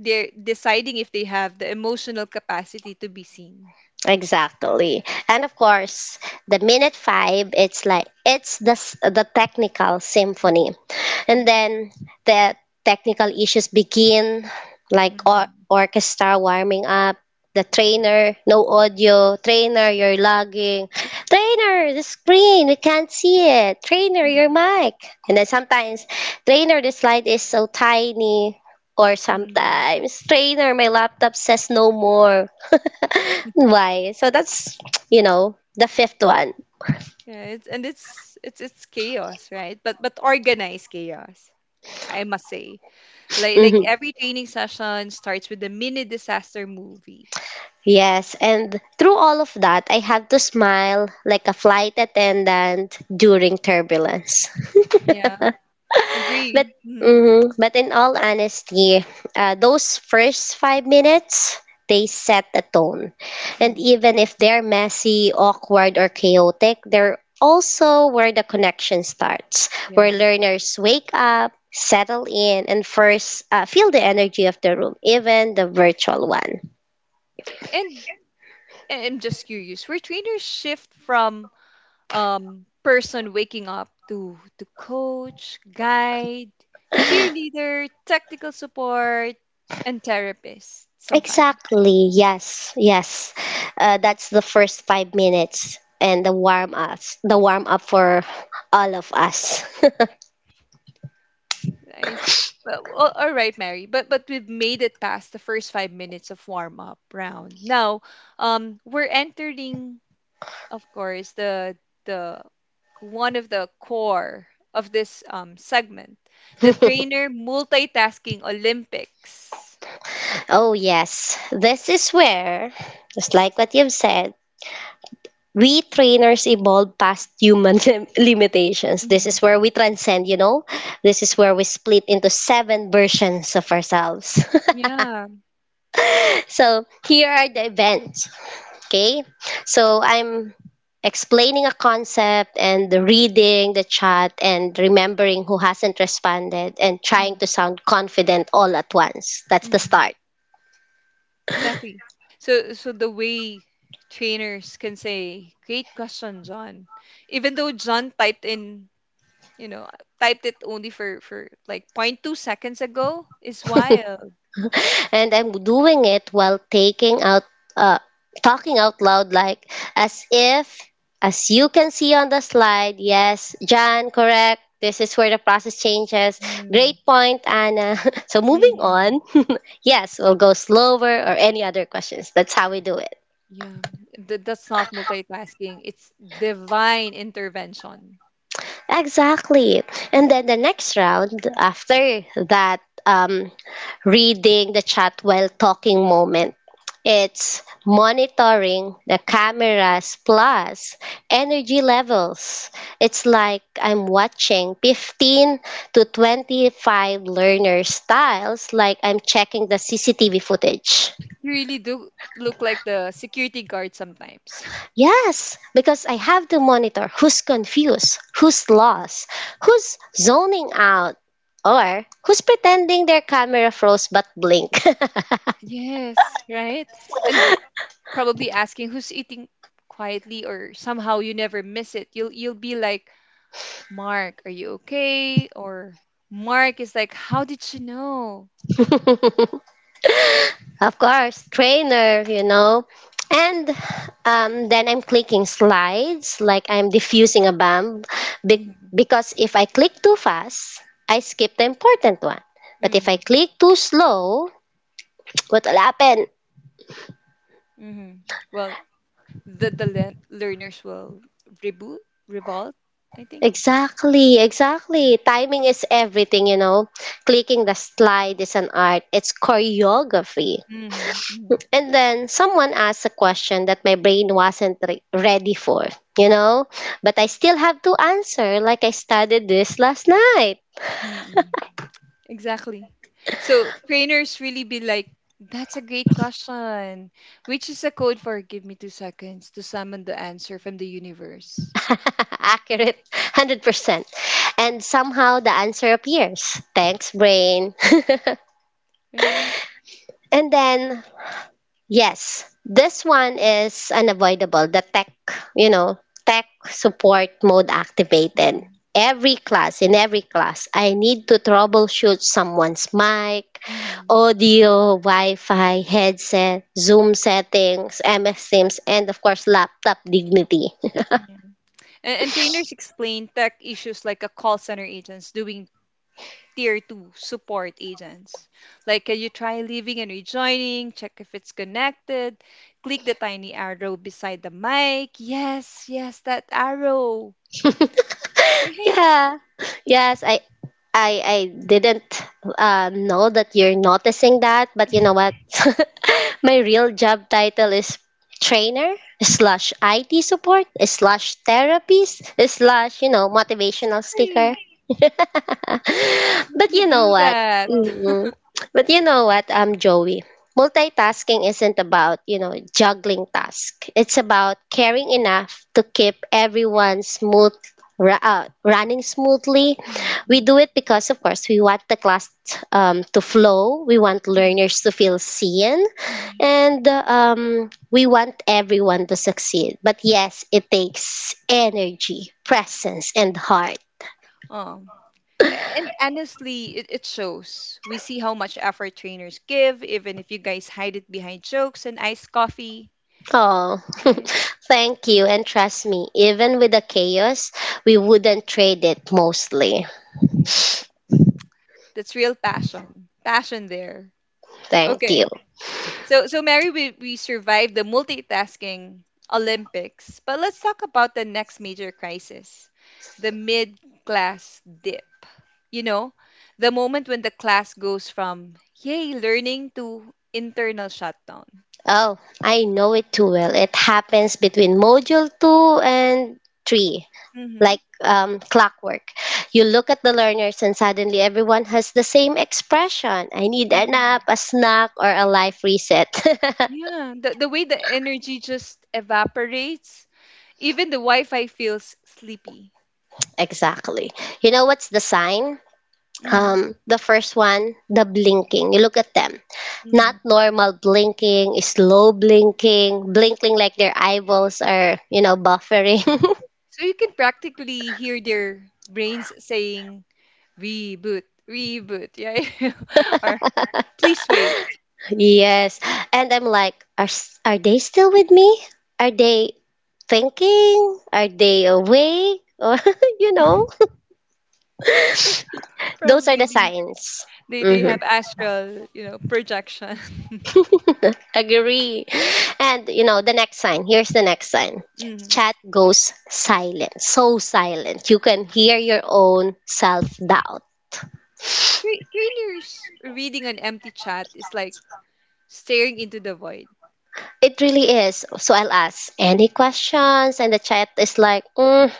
Speaker 1: they're deciding if they have the emotional capacity to be seen.
Speaker 2: exactly. And of course, the minute five, it's like, it's the, s- the technical symphony.
Speaker 1: Mhm.
Speaker 2: And
Speaker 1: Mhm.
Speaker 2: then the technical issues begin, like or-
Speaker 1: Mhm.
Speaker 2: orchestra warming up. The trainer, no audio. Trainer, you're lagging. Trainer, the screen, we can't see it. Trainer, your
Speaker 1: Mhm.
Speaker 2: mic. And then sometimes, trainer, the slide is so tiny. Or
Speaker 1: Mhm.
Speaker 2: sometimes, trainer, my laptop says no more. why so that's you know the fifth one.
Speaker 1: Yeah, it's, and it's it's it's chaos, right? But but organized chaos, I must say. Like like
Speaker 2: Mm-hmm.
Speaker 1: every training session starts with a mini disaster movie.
Speaker 2: Yes, and through all of that, I had to smile like a flight attendant during turbulence.
Speaker 1: Yeah,
Speaker 2: But
Speaker 1: agree. Hmm
Speaker 2: mhm, but in all honesty, uh, those first five minutes, they set a tone, and
Speaker 1: hmm
Speaker 2: even if they're messy, awkward, or chaotic, they're also where the connection starts, where
Speaker 1: Yeah,
Speaker 2: learners wake up, settle in, and first uh, feel the energy of the room, even the virtual one.
Speaker 1: and I- I'm just curious, where trainers shift from um person waking up to to coach, guide, cheerleader, technical support, and therapist sometimes.
Speaker 2: Exactly. Yes. Yes. Uh, that's the first five minutes and the warm us, the warm up for all of us.
Speaker 1: Nice. But well, all right, Mary. But but we've made it past the first five minutes of warm up round. Now, um, we're entering, of course, the the one of the core of this um segment, the trainer multitasking Olympics.
Speaker 2: oh yes, this is where, just like what you've said, we trainers evolve past human lim- limitations. This
Speaker 1: Mhm.
Speaker 2: is where we transcend. You know, this is where we split into seven versions of ourselves.
Speaker 1: Yeah.
Speaker 2: so here are the events. Okay, so I'm explaining a concept and reading the chat and remembering who hasn't responded and trying
Speaker 1: Mm,
Speaker 2: to sound confident all at once. That's the
Speaker 1: mm,
Speaker 2: start.
Speaker 1: exactly. So so the way trainers can say, "Great question, John," even though John typed in, you know, I typed it only for for like point two seconds ago is wild.
Speaker 2: And I'm doing it while taking out, uh, talking out loud, like as if, as you can see on the slide, yes, Jan, correct. This is where the process changes.
Speaker 1: Mm.
Speaker 2: Great point, Anna. So moving
Speaker 1: hmm
Speaker 2: on, yes, we'll go slower or any other questions. That's how we do it.
Speaker 1: Yeah, th- that's not multitasking. It's divine intervention.
Speaker 2: Exactly. And then the next round after that um, reading the chat while talking moment, it's monitoring the cameras plus energy levels. It's like I'm watching fifteen to twenty-five learner styles, like I'm checking the C C T V footage.
Speaker 1: You really do look like the security guard sometimes.
Speaker 2: Yes, because I have to monitor who's confused, who's lost, who's zoning out, or who's pretending their camera froze but blinked.
Speaker 1: Yes, right? And probably asking who's eating quietly or somehow you never miss it. You'll you'll be like, "Mark, are you okay?" Or Mark is like, "How did she know?"
Speaker 2: Of course, trainer, you know. And um, Then I'm clicking slides like I'm diffusing a bomb be-
Speaker 1: hmm
Speaker 2: because if I click too fast, I skip the important one. But if I
Speaker 1: hmm
Speaker 2: click too slow, what will happen?
Speaker 1: hmm Well, the the le- learners will reboot, revolt, I think.
Speaker 2: Exactly, exactly. Timing is everything, you know. Clicking the slide is an art, it's choreography.
Speaker 1: Mm-hmm. Mm-hmm.
Speaker 2: And then someone asked a question that my brain wasn't re- ready for, you know, but I still have to answer like I studied this last night.
Speaker 1: Mm-hmm. Exactly. So trainers really be like, that's a great question. Which is a code for give me two seconds to summon the answer from the universe.
Speaker 2: Accurate, one hundred percent. And somehow the answer appears. Thanks, brain.
Speaker 1: Right?
Speaker 2: And then, yes, this one is unavoidable. The tech, you know, tech support mode activated.
Speaker 1: Mm-hmm.
Speaker 2: Every class, in every class, I need to troubleshoot someone's mic,
Speaker 1: Mm-hmm.
Speaker 2: audio, Wi-Fi, headset, Zoom settings, M S Teams, and of course, laptop dignity.
Speaker 1: Yeah. And, and trainers explain tech issues like a call center agents doing tier two support agents. Like, can you try leaving and rejoining? Check if it's connected. Click the tiny arrow beside the mic. Yes, yes, that arrow. Exactly.
Speaker 2: Yeah. Yes, I I I didn't um, know that you're noticing that, but you know what? My real job title is trainer slash I T support slash therapist slash, you know, motivational speaker.
Speaker 1: How do
Speaker 2: But
Speaker 1: you
Speaker 2: you know
Speaker 1: do
Speaker 2: what?
Speaker 1: that?
Speaker 2: Mm. But you know what, um, Joey? Multitasking isn't about, you know, juggling tasks. It's about caring enough to keep everyone smooth ra- uh, running smoothly.
Speaker 1: Mm,
Speaker 2: We
Speaker 1: mm,
Speaker 2: do it because, of course, we want the class um, to flow. We want
Speaker 1: mm,
Speaker 2: learners to feel seen,
Speaker 1: mhm.
Speaker 2: and uh, um, we want everyone to succeed. But yes, it takes energy, presence, and heart.
Speaker 1: Um, and honestly, it, it shows. We see how much effort trainers give, even if you guys hide it behind jokes and iced coffee.
Speaker 2: Oh,
Speaker 1: Right?
Speaker 2: thank you, and trust me, even with the chaos, we wouldn't trade it mostly.
Speaker 1: Mm, uh, that's real passion. Passion there.
Speaker 2: Thank
Speaker 1: Okay.
Speaker 2: you.
Speaker 1: So, so Mary, we, we survived the multitasking Olympics, but let's talk about the next major crisis, the mid class dip. You know, the moment when the class goes from, yay, learning to internal shutdown.
Speaker 2: Oh, I know it too well. It happens between module two and three
Speaker 1: Hmm
Speaker 2: like um, clockwork. You look at the learners, and suddenly everyone has the same expression: I need a nap,
Speaker 1: Mhm.
Speaker 2: a snack, or a life reset.
Speaker 1: Yeah, the, the way the energy just evaporates, even the Wi Fi feels sleepy.
Speaker 2: Exactly. You know what's the sign?
Speaker 1: Hmm
Speaker 2: Um, the first one, the blinking. You look at them. Not
Speaker 1: Mhm.
Speaker 2: normal blinking, slow blinking, blinking like their eyeballs are, you know, buffering.
Speaker 1: So you can practically hear their brains saying, reboot, reboot, yeah. Or please wait.
Speaker 2: Yes. And I'm like, are s- are they still with me? Are they thinking? Are they awake? Or, you know, those are the
Speaker 1: Probably they,
Speaker 2: signs.
Speaker 1: they they
Speaker 2: Hmm.
Speaker 1: have astral, you know, projection.
Speaker 2: Agree. And you know, the next sign. Here's the next sign.
Speaker 1: Mhm.
Speaker 2: Chat goes silent. So silent. You can hear your own self-doubt.
Speaker 1: Tra- trainers reading an empty chat is like staring into the void.
Speaker 2: It really is. So I'll ask any questions, and the chat is like, mm,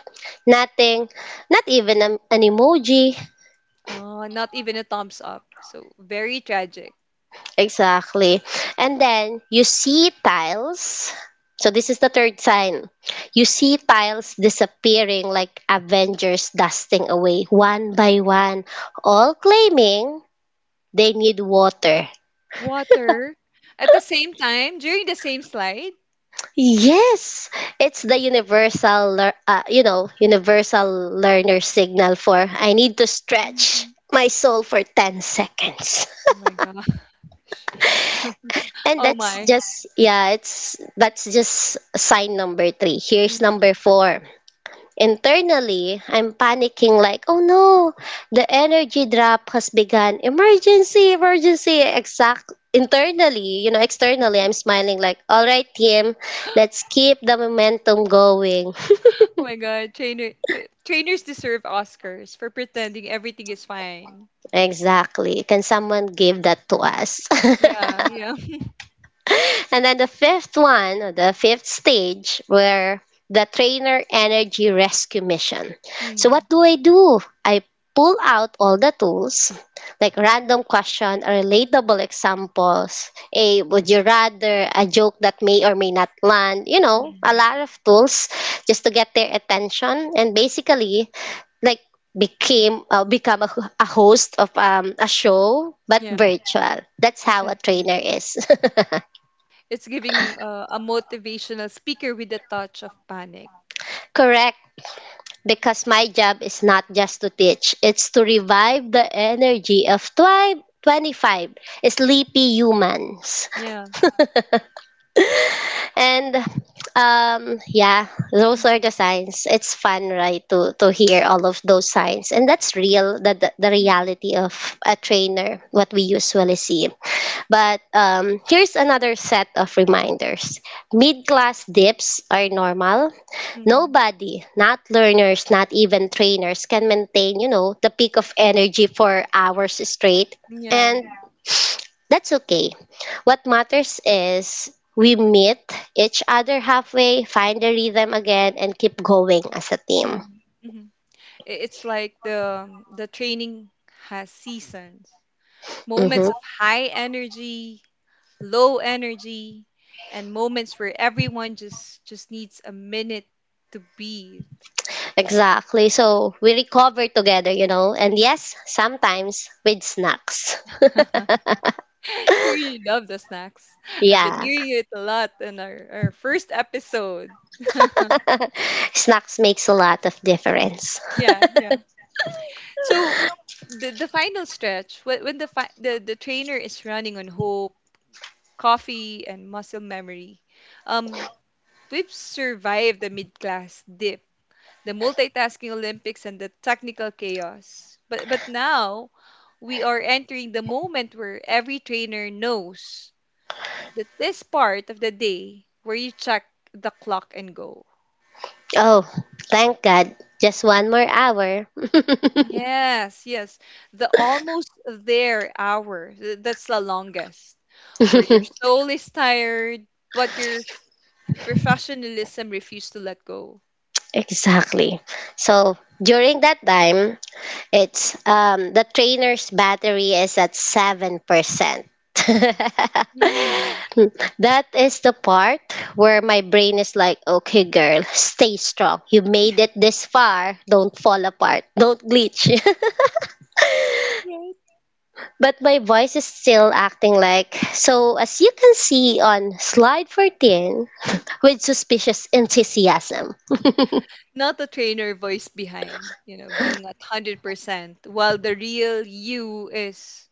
Speaker 2: nothing, not even a, an emoji.
Speaker 1: Oh, not even a thumbs up. So very tragic.
Speaker 2: Exactly. And then you see tiles. So this is the third sign. You see tiles disappearing like Avengers dusting away one by one, all claiming they need water.
Speaker 1: Water at the same time during the same slide.
Speaker 2: Yes, it's the universal, lear- uh, you know, universal learner signal for I need to stretch
Speaker 1: Mhm.
Speaker 2: my soul for ten seconds.
Speaker 1: Oh my gosh.
Speaker 2: And
Speaker 1: Oh
Speaker 2: that's
Speaker 1: my.
Speaker 2: just, yeah, it's that's just sign number three. Here's
Speaker 1: Mhm.
Speaker 2: number four. Internally, I'm panicking like, oh no, the energy drop has begun. Emergency, emergency. Exact internally, you know, externally, I'm smiling like, all right, team, let's keep the momentum going.
Speaker 1: Oh my god. Trainer tra- trainers deserve Oscars for pretending everything is fine.
Speaker 2: Exactly. Can someone give that to us?
Speaker 1: Yeah, yeah.
Speaker 2: And then the fifth one, or the fifth stage, were the trainer energy rescue mission. So what
Speaker 1: Mm,
Speaker 2: do I do? I pull out all the tools, like random question or relatable examples. A would you rather, a joke that may or may not land, you know, a
Speaker 1: mm.
Speaker 2: lot of tools just to get their attention and basically like became uh, become a, a host of um, a show but
Speaker 1: Yeah,
Speaker 2: virtual. That's how a
Speaker 1: exactly.
Speaker 2: trainer is.
Speaker 1: It's giving uh, a motivational speaker with a touch of panic.
Speaker 2: Correct, because my job is not just to teach, it's to revive the energy of twelve, twenty-five sleepy humans.
Speaker 1: Yeah.
Speaker 2: And um, yeah, those are
Speaker 1: Mm-hmm.
Speaker 2: the signs. It's fun, right, to, to hear all of those signs. And that's real, the, the, the reality of a trainer, what we usually see. But um, here's another set of reminders. Mid class dips are normal.
Speaker 1: Mm-hmm.
Speaker 2: Nobody, not learners, not even trainers, can maintain, you know, the peak of energy for hours straight.
Speaker 1: Yeah.
Speaker 2: And that's okay. What matters is we meet each other halfway, find the rhythm again, and keep going as a team.
Speaker 1: Mm-hmm. It's like the the training has seasons.
Speaker 2: Mm-hmm.
Speaker 1: Moments of high energy, low energy, and moments where everyone just just needs a minute to breathe.
Speaker 2: Exactly. So we recover together, you know, and yes, sometimes with snacks.
Speaker 1: You really love the snacks. I've been
Speaker 2: Yeah,
Speaker 1: hearing it a lot in our, our first episode.
Speaker 2: snacks makes a lot of difference.
Speaker 1: Yeah, yeah. So the the final stretch when, when the, fi- the the trainer is running on hope, coffee, and muscle memory. Um, we've survived the mid class dip, the multitasking Olympics, and the technical chaos. But but now we are entering the moment where every trainer knows, that this part of the day where you check the clock and go.
Speaker 2: Oh, thank God. Just one more hour.
Speaker 1: Yes, yes. The almost there hour, th- that's the longest, where your soul is tired, but your professionalism refused to let go.
Speaker 2: Exactly. So during that time, it's um, the trainer's battery is at seven percent.
Speaker 1: Mm.
Speaker 2: That is the part where my brain is like, okay, girl, stay strong. You made it this far. Don't fall apart. Don't glitch.
Speaker 1: Right.
Speaker 2: But my voice is still acting like, so as you can see on slide fourteen, with suspicious enthusiasm.
Speaker 1: Not the trainer voice behind, you know, being at one hundred percent, while the real you is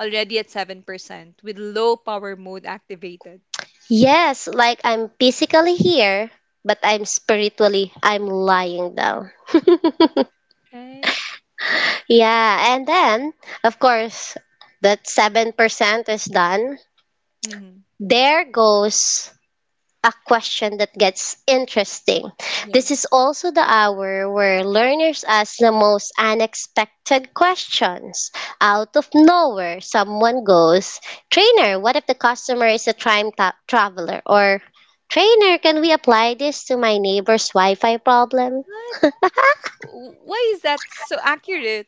Speaker 1: already at seven percent with low power mode activated.
Speaker 2: Yes, like I'm physically here, but I'm spiritually, I'm lying down.
Speaker 1: Right?
Speaker 2: Yeah, and then, of course, that seven percent is done.
Speaker 1: Mm-hmm.
Speaker 2: There goes a question that gets interesting.
Speaker 1: Yeah.
Speaker 2: This is also the hour where learners ask the most unexpected questions. Out of nowhere, someone goes, Trainer, what if the customer is a time ta- traveler? Or, Trainer, can we apply this to my neighbor's Wi Fi problem?
Speaker 1: What? W- Why is that so accurate?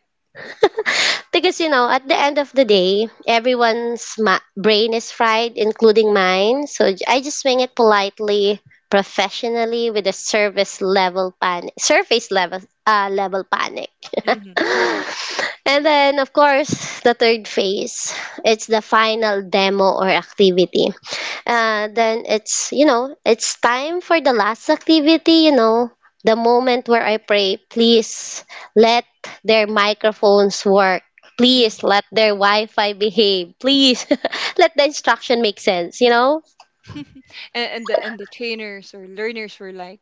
Speaker 2: Because, you know, at the end of the day, everyone's ma- brain is fried, including mine. So j- I just swing it politely, professionally, with a service level panic, surface level, uh, level panic.
Speaker 1: Mm-hmm, mm-hmm,
Speaker 2: And then, of course, the third phase, it's the final demo or activity. Uh, then it's, you know, it's time for the last activity, you know, the moment where I pray, please let their microphones work, please
Speaker 1: mm.
Speaker 2: let their Wi-Fi behave, please, let the instruction make sense, you know.
Speaker 1: And, and the and the trainers or learners were like,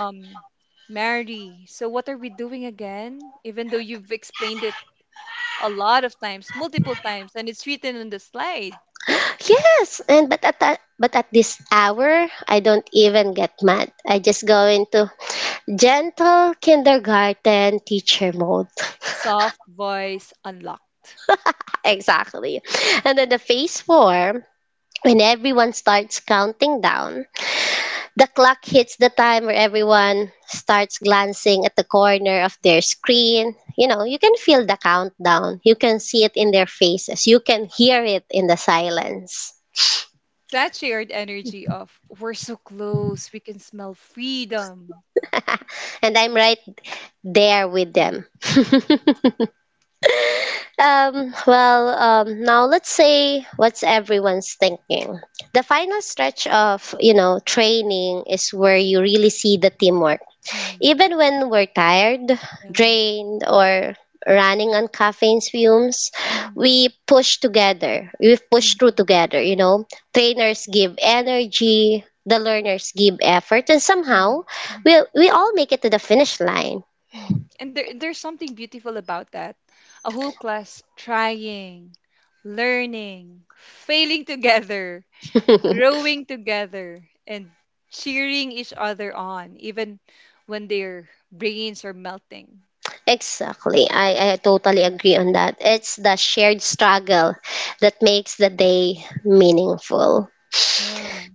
Speaker 1: um, Mary, so what are we doing again? Even though you've explained it a lot of times, multiple times, and it's written on the slide.
Speaker 2: Yes, and but at that but at this hour I don't even get mad. I just go into gentle kindergarten teacher mode.
Speaker 1: Soft voice unlocked.
Speaker 2: Exactly. And then the phase four, when everyone starts counting down, the clock hits the time where everyone starts glancing at the corner of their screen. You know, you can feel the countdown. You can see it in their faces. You can hear it in the silence.
Speaker 1: That shared energy of we're so close, we can smell freedom.
Speaker 2: And I'm right there with
Speaker 1: Yeah.
Speaker 2: them. Um, well, um, now let's say what's everyone's thinking. The final stretch of, you know, training is where you really see the teamwork.
Speaker 1: Mm-hmm.
Speaker 2: Even when we're tired,
Speaker 1: Yeah.
Speaker 2: drained, or running on caffeine fumes,
Speaker 1: Mm-hmm.
Speaker 2: we push together. We push through together, you know. Trainers give energy, the learners give effort, and somehow
Speaker 1: Mm-hmm.
Speaker 2: we, we all make it to the finish line.
Speaker 1: Mhm. And there, there's something beautiful about that. A whole class trying, learning, failing together, growing together, and cheering each other on, even when their brains are melting.
Speaker 2: Exactly. I, I totally
Speaker 1: Mhm.
Speaker 2: agree on that. It's the shared struggle that makes the day meaningful.
Speaker 1: Yeah.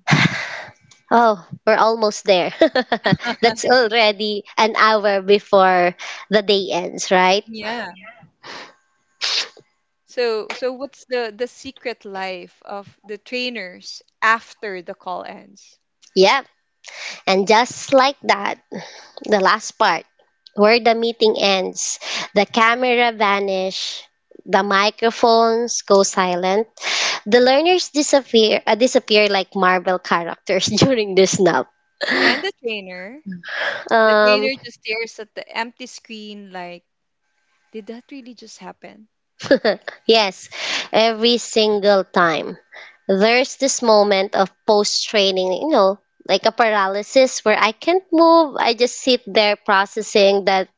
Speaker 2: Oh, we're almost there. That's already an hour before the day ends, right?
Speaker 1: Yeah. So, so what's the the secret life of the trainers after the call ends?
Speaker 2: Yep. And just like that, the last part, where the meeting ends, the camera vanish, the microphones go silent, the learners disappear, uh, disappear like Marvel characters during the snap.
Speaker 1: And the trainer, the
Speaker 2: Um,
Speaker 1: trainer just stares at the empty screen like, did that really just happen?
Speaker 2: yes, every single time. There's this moment of post training, you know, like a paralysis where I can't move. I just sit there processing that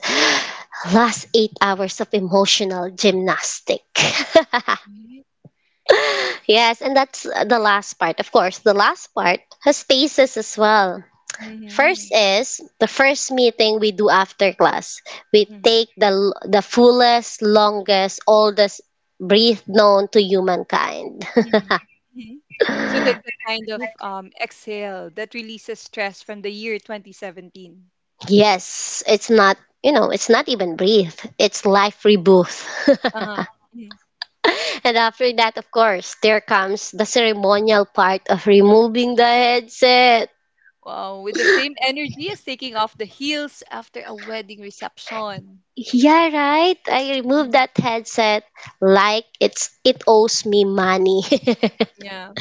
Speaker 2: last eight hours of emotional gymnastic. Yes, and that's the last part. Of course, the last part has phases as well. First
Speaker 1: Mhm.
Speaker 2: is the first meeting we do after class. We
Speaker 1: Mhm.
Speaker 2: take the l- the fullest, longest, oldest breath known to humankind.
Speaker 1: Mhm. Mhm. So that the kind of um, exhale that releases stress from the year twenty seventeen.
Speaker 2: Yes, it's not, you know, it's not even breathe. It's life rebirth.
Speaker 1: Uh-huh. Mhm.
Speaker 2: And after that, of course, there comes the ceremonial part of removing the headset.
Speaker 1: Wow, with the same energy as taking off the heels after a wedding reception.
Speaker 2: Yeah, right. I removed
Speaker 1: Mhm.
Speaker 2: that headset like it's it owes me money.
Speaker 1: Yeah,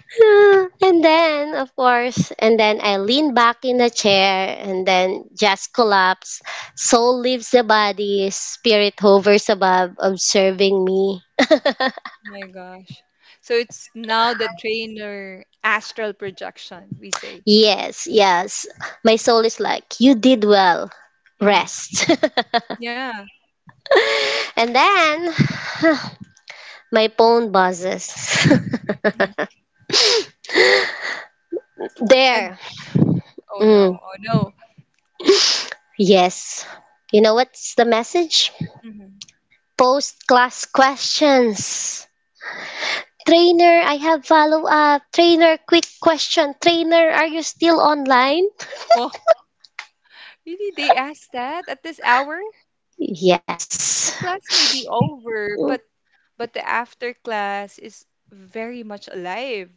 Speaker 2: Ah, and then, of course, and then I lean back in the chair and then just collapse. Soul leaves the body, spirit hovers above, observing me.
Speaker 1: my gosh. So it's now the trainer astral projection, we say.
Speaker 2: Yes, yes. My soul is like, you did well.
Speaker 1: Hmm
Speaker 2: Rest.
Speaker 1: Yeah.
Speaker 2: And then, my phone buzzes.
Speaker 1: Mhm. Mhm. And
Speaker 2: There.
Speaker 1: oh
Speaker 2: Mm,
Speaker 1: no, oh no.
Speaker 2: yes. You know what's the message?
Speaker 1: hmm
Speaker 2: Post class questions. Trainer, I have follow up. Trainer, quick question. Trainer, are you still online?
Speaker 1: Well, really, they asked that at this hour? The
Speaker 2: Yes.
Speaker 1: class may be over,
Speaker 2: Mm,
Speaker 1: but but the after class is very much alive.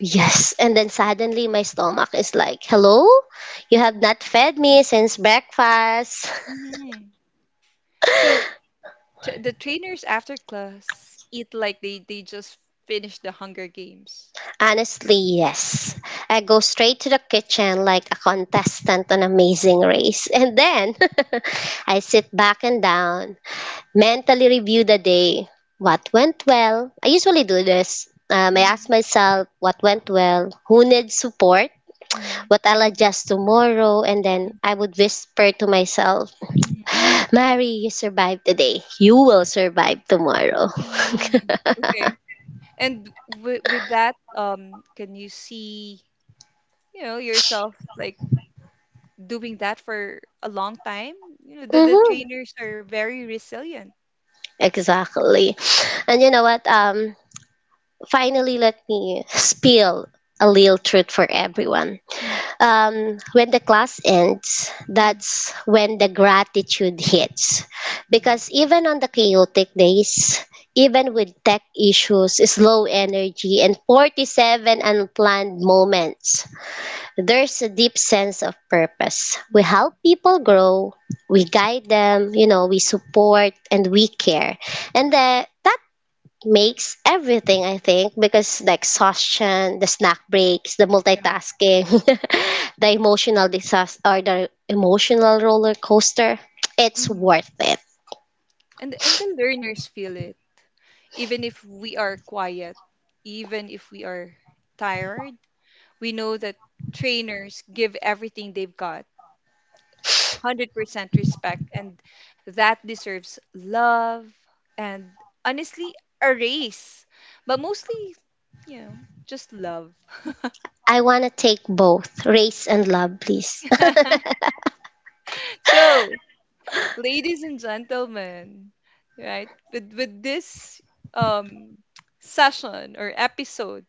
Speaker 2: yes. And then suddenly my stomach is like, hello? You have not fed me since breakfast.
Speaker 1: Mhm. So t- the trainers after class eat like they they just finished the Hunger Games.
Speaker 2: Honestly, yes. I go straight to the kitchen like a contestant on Amazing Race. And then I sit back and down, mentally review the day. What went well? I usually do this. Um, I ask
Speaker 1: Mhm.
Speaker 2: myself what went well, who needs support,
Speaker 1: Mhm.
Speaker 2: what I'll
Speaker 1: Mhm.
Speaker 2: adjust tomorrow, and then I would whisper to myself,
Speaker 1: Mhm.
Speaker 2: Mary, you survived today. You will survive tomorrow.
Speaker 1: Mhm. Mhm. Okay. And with with that, um, can you see, you know, yourself like doing that for a long time? You know the the
Speaker 2: Hmm.
Speaker 1: trainers are very resilient.
Speaker 2: Exactly. And you know what? Um, finally, let me spill a little truth for everyone.
Speaker 1: Mhm.
Speaker 2: Um, when the class ends,
Speaker 1: Mhm.
Speaker 2: that's when the gratitude hits.
Speaker 1: Mhm.
Speaker 2: Because even on the chaotic days, even with tech issues, slow energy, and forty-seven unplanned moments, there's a deep sense of purpose. We
Speaker 1: Yeah.
Speaker 2: help people grow, we guide them, you know, we support, and we care. And the, that makes everything, I think, because the exhaustion, the snack breaks, the multitasking, the emotional disaster or the emotional roller coaster, it's
Speaker 1: Yeah.
Speaker 2: worth it.
Speaker 1: and and the learners feel it, even if we are quiet, even if we are tired, we know that trainers give everything they've got. one hundred percent respect, and that deserves love. And honestly, a race, but mostly, you know, just love.
Speaker 2: I want to take both race and love, please.
Speaker 1: So ladies and gentlemen, right, with with this um session or episode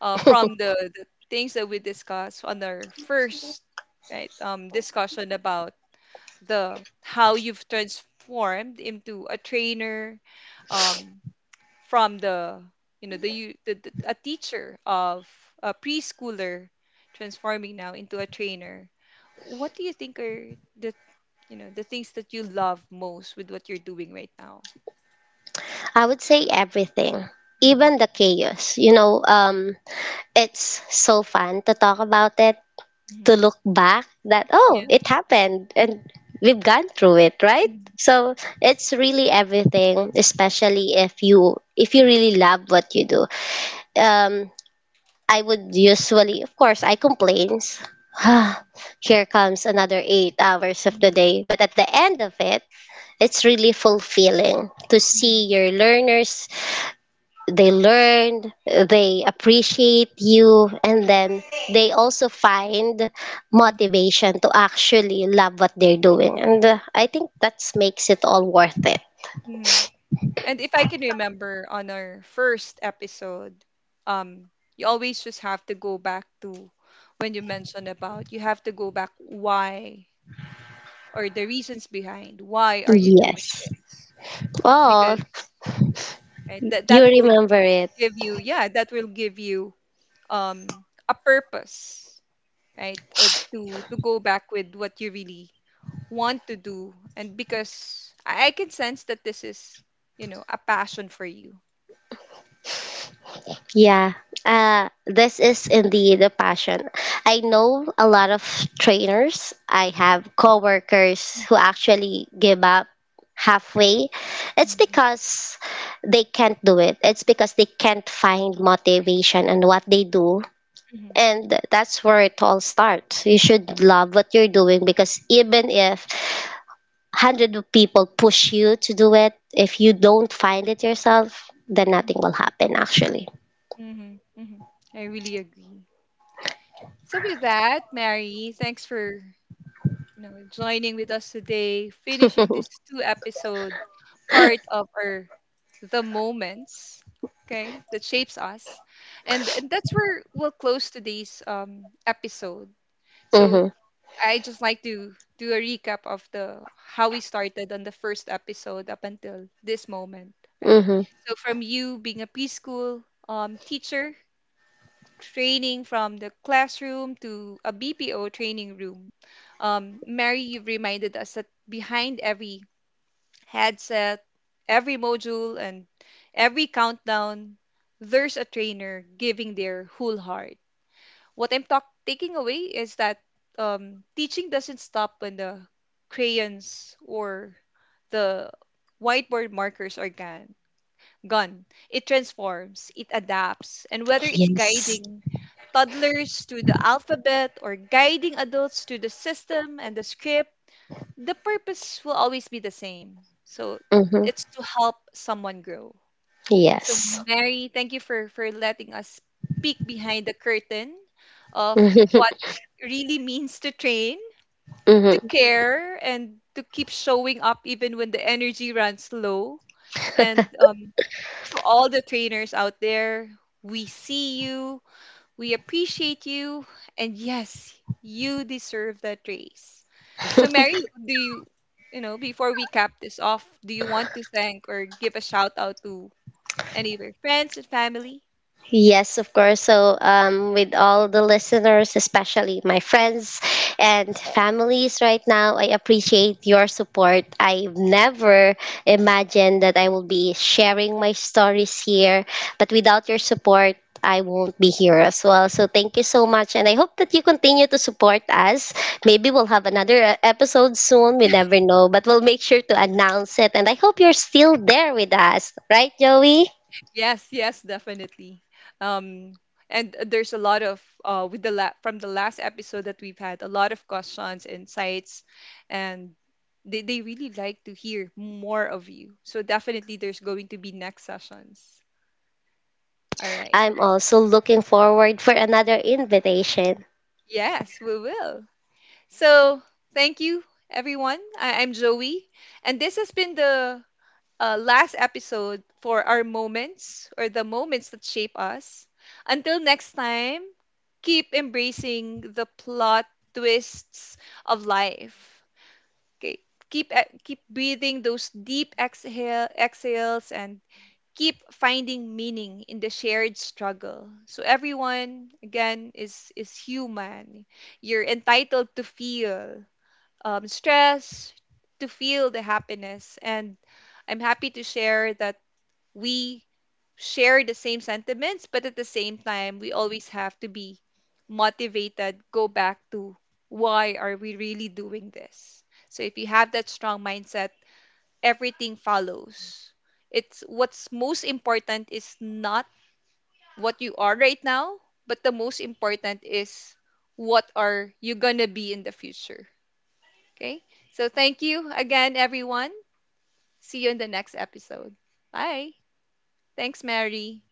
Speaker 1: uh, from the, the things that we discussed on our first, right um, discussion about the how you've transformed into a trainer, um, from the, you know the, you- the, the a teacher of a preschooler transforming now into a trainer, what do you think are the, you know the things that you love most with what you're doing right now?
Speaker 2: I would say everything,
Speaker 1: Mhm.
Speaker 2: even the chaos, you know. Um it's so fun to talk about it, to
Speaker 1: Mhm.
Speaker 2: look back that oh
Speaker 1: Yeah.
Speaker 2: it happened and we've gone through it, right?
Speaker 1: mm
Speaker 2: So it's really everything, especially if you if you really love what you do. um I would usually, of course, I complains, "Ah, here comes another eight hours of the day." But at the end of it, it's really fulfilling to see your learners. They learn, they appreciate you, and then they also find motivation to actually love what they're doing. And uh, I think that makes it all worth it.
Speaker 1: Mhm. And if I can remember on our first episode, um, you always just have to go back to when you mentioned about you have to go back why, or the reasons behind why are you doing
Speaker 2: Yes.
Speaker 1: this,
Speaker 2: Oh,
Speaker 1: because right, that
Speaker 2: you
Speaker 1: that will
Speaker 2: remember it.
Speaker 1: give you, yeah, that will give you um a purpose, right uh, to to go back with what you really want to do, and because I I can sense that this is, you know, a passion for you.
Speaker 2: Yeah, uh, this is indeed a passion. I know a lot of trainers. I have coworkers who actually give up halfway. It's because they can't do it. It's because they can't find motivation in what they do.
Speaker 1: Mhm.
Speaker 2: And that's where it all starts. You should love what you're doing because even if hundred of people push you to do it, if you don't find it yourself, then nothing will happen actually.
Speaker 1: Mm-hmm, hmm I really agree. So with that, Mary, thanks for, you know, joining with us today, finishing
Speaker 2: Hmm.
Speaker 1: this two episode part of our the moments, okay, that shapes us, and, and that's where we'll close today's um episode. So I just like to do a recap of the how we started on the first episode up until this moment, right?
Speaker 2: Mm-hmm.
Speaker 1: So from you being a preschool um teacher, training from the classroom to a B P O training room. Um, Mary, you've reminded us that behind every headset, every module, and every countdown, there's a trainer giving their whole heart. What I'm talk- taking away is that um, teaching doesn't stop when the crayons or the whiteboard markers are gone gone. It transforms, it adapts, and whether it's
Speaker 2: Yes.
Speaker 1: guiding toddlers to the alphabet or guiding adults to the system and the script, the purpose will always be the same. So
Speaker 2: Mm-hmm.
Speaker 1: it's to help someone grow. So
Speaker 2: Yes.
Speaker 1: Mary, thank you for for letting us peek behind the curtain of what it really means to train,
Speaker 2: Mm-hmm.
Speaker 1: to
Speaker 2: Mm-hmm.
Speaker 1: care, and to keep showing up even when the energy runs low. And um, to all the trainers out there. We see you, we appreciate you, and yes, you deserve that race. So, Mary, do you, you know, before we cap this off, do you want to thank or give a shout out to any of your friends and family?
Speaker 2: Yes, of course. So, um, with all the listeners, especially my friends and families right now, I appreciate your support. I've never imagined that I will be sharing my stories here, but without your support, I won't be here as well. So, thank you so much. And I hope that you continue to support us. Maybe we'll have another uh, episode soon. We never know, but we'll make sure to announce it. And I hope you're still there with us. Right, Joey?
Speaker 1: Yes, yes, definitely. Um, and there's a lot of uh, with the la- from the last episode that we've had, a lot of questions, insights, and they they really like to hear more of you. So definitely, there's going to be next sessions. All right.
Speaker 2: I'm also looking forward for another invitation.
Speaker 1: Yes, we will. So thank you, everyone. I- I'm Joey, and this has been the uh, last episode for our moments or the moments that shape us. Until next time, keep embracing the plot twists of life. Okay, keep e- keep breathing those deep exhale exhales and keep finding meaning in the shared struggle. So everyone again is is human. You're entitled to feel um, stress, to feel the happiness, and I'm happy to share that we share the same sentiments, but at the same time, we always have to be motivated, go back to why are we really doing this? So if you have that strong mindset, everything follows. It's what's most important is not what you are right now, but the most important is what are you going to be in the future. Okay? So thank you again everyone. See you in the next episode. Bye. Thanks Mary.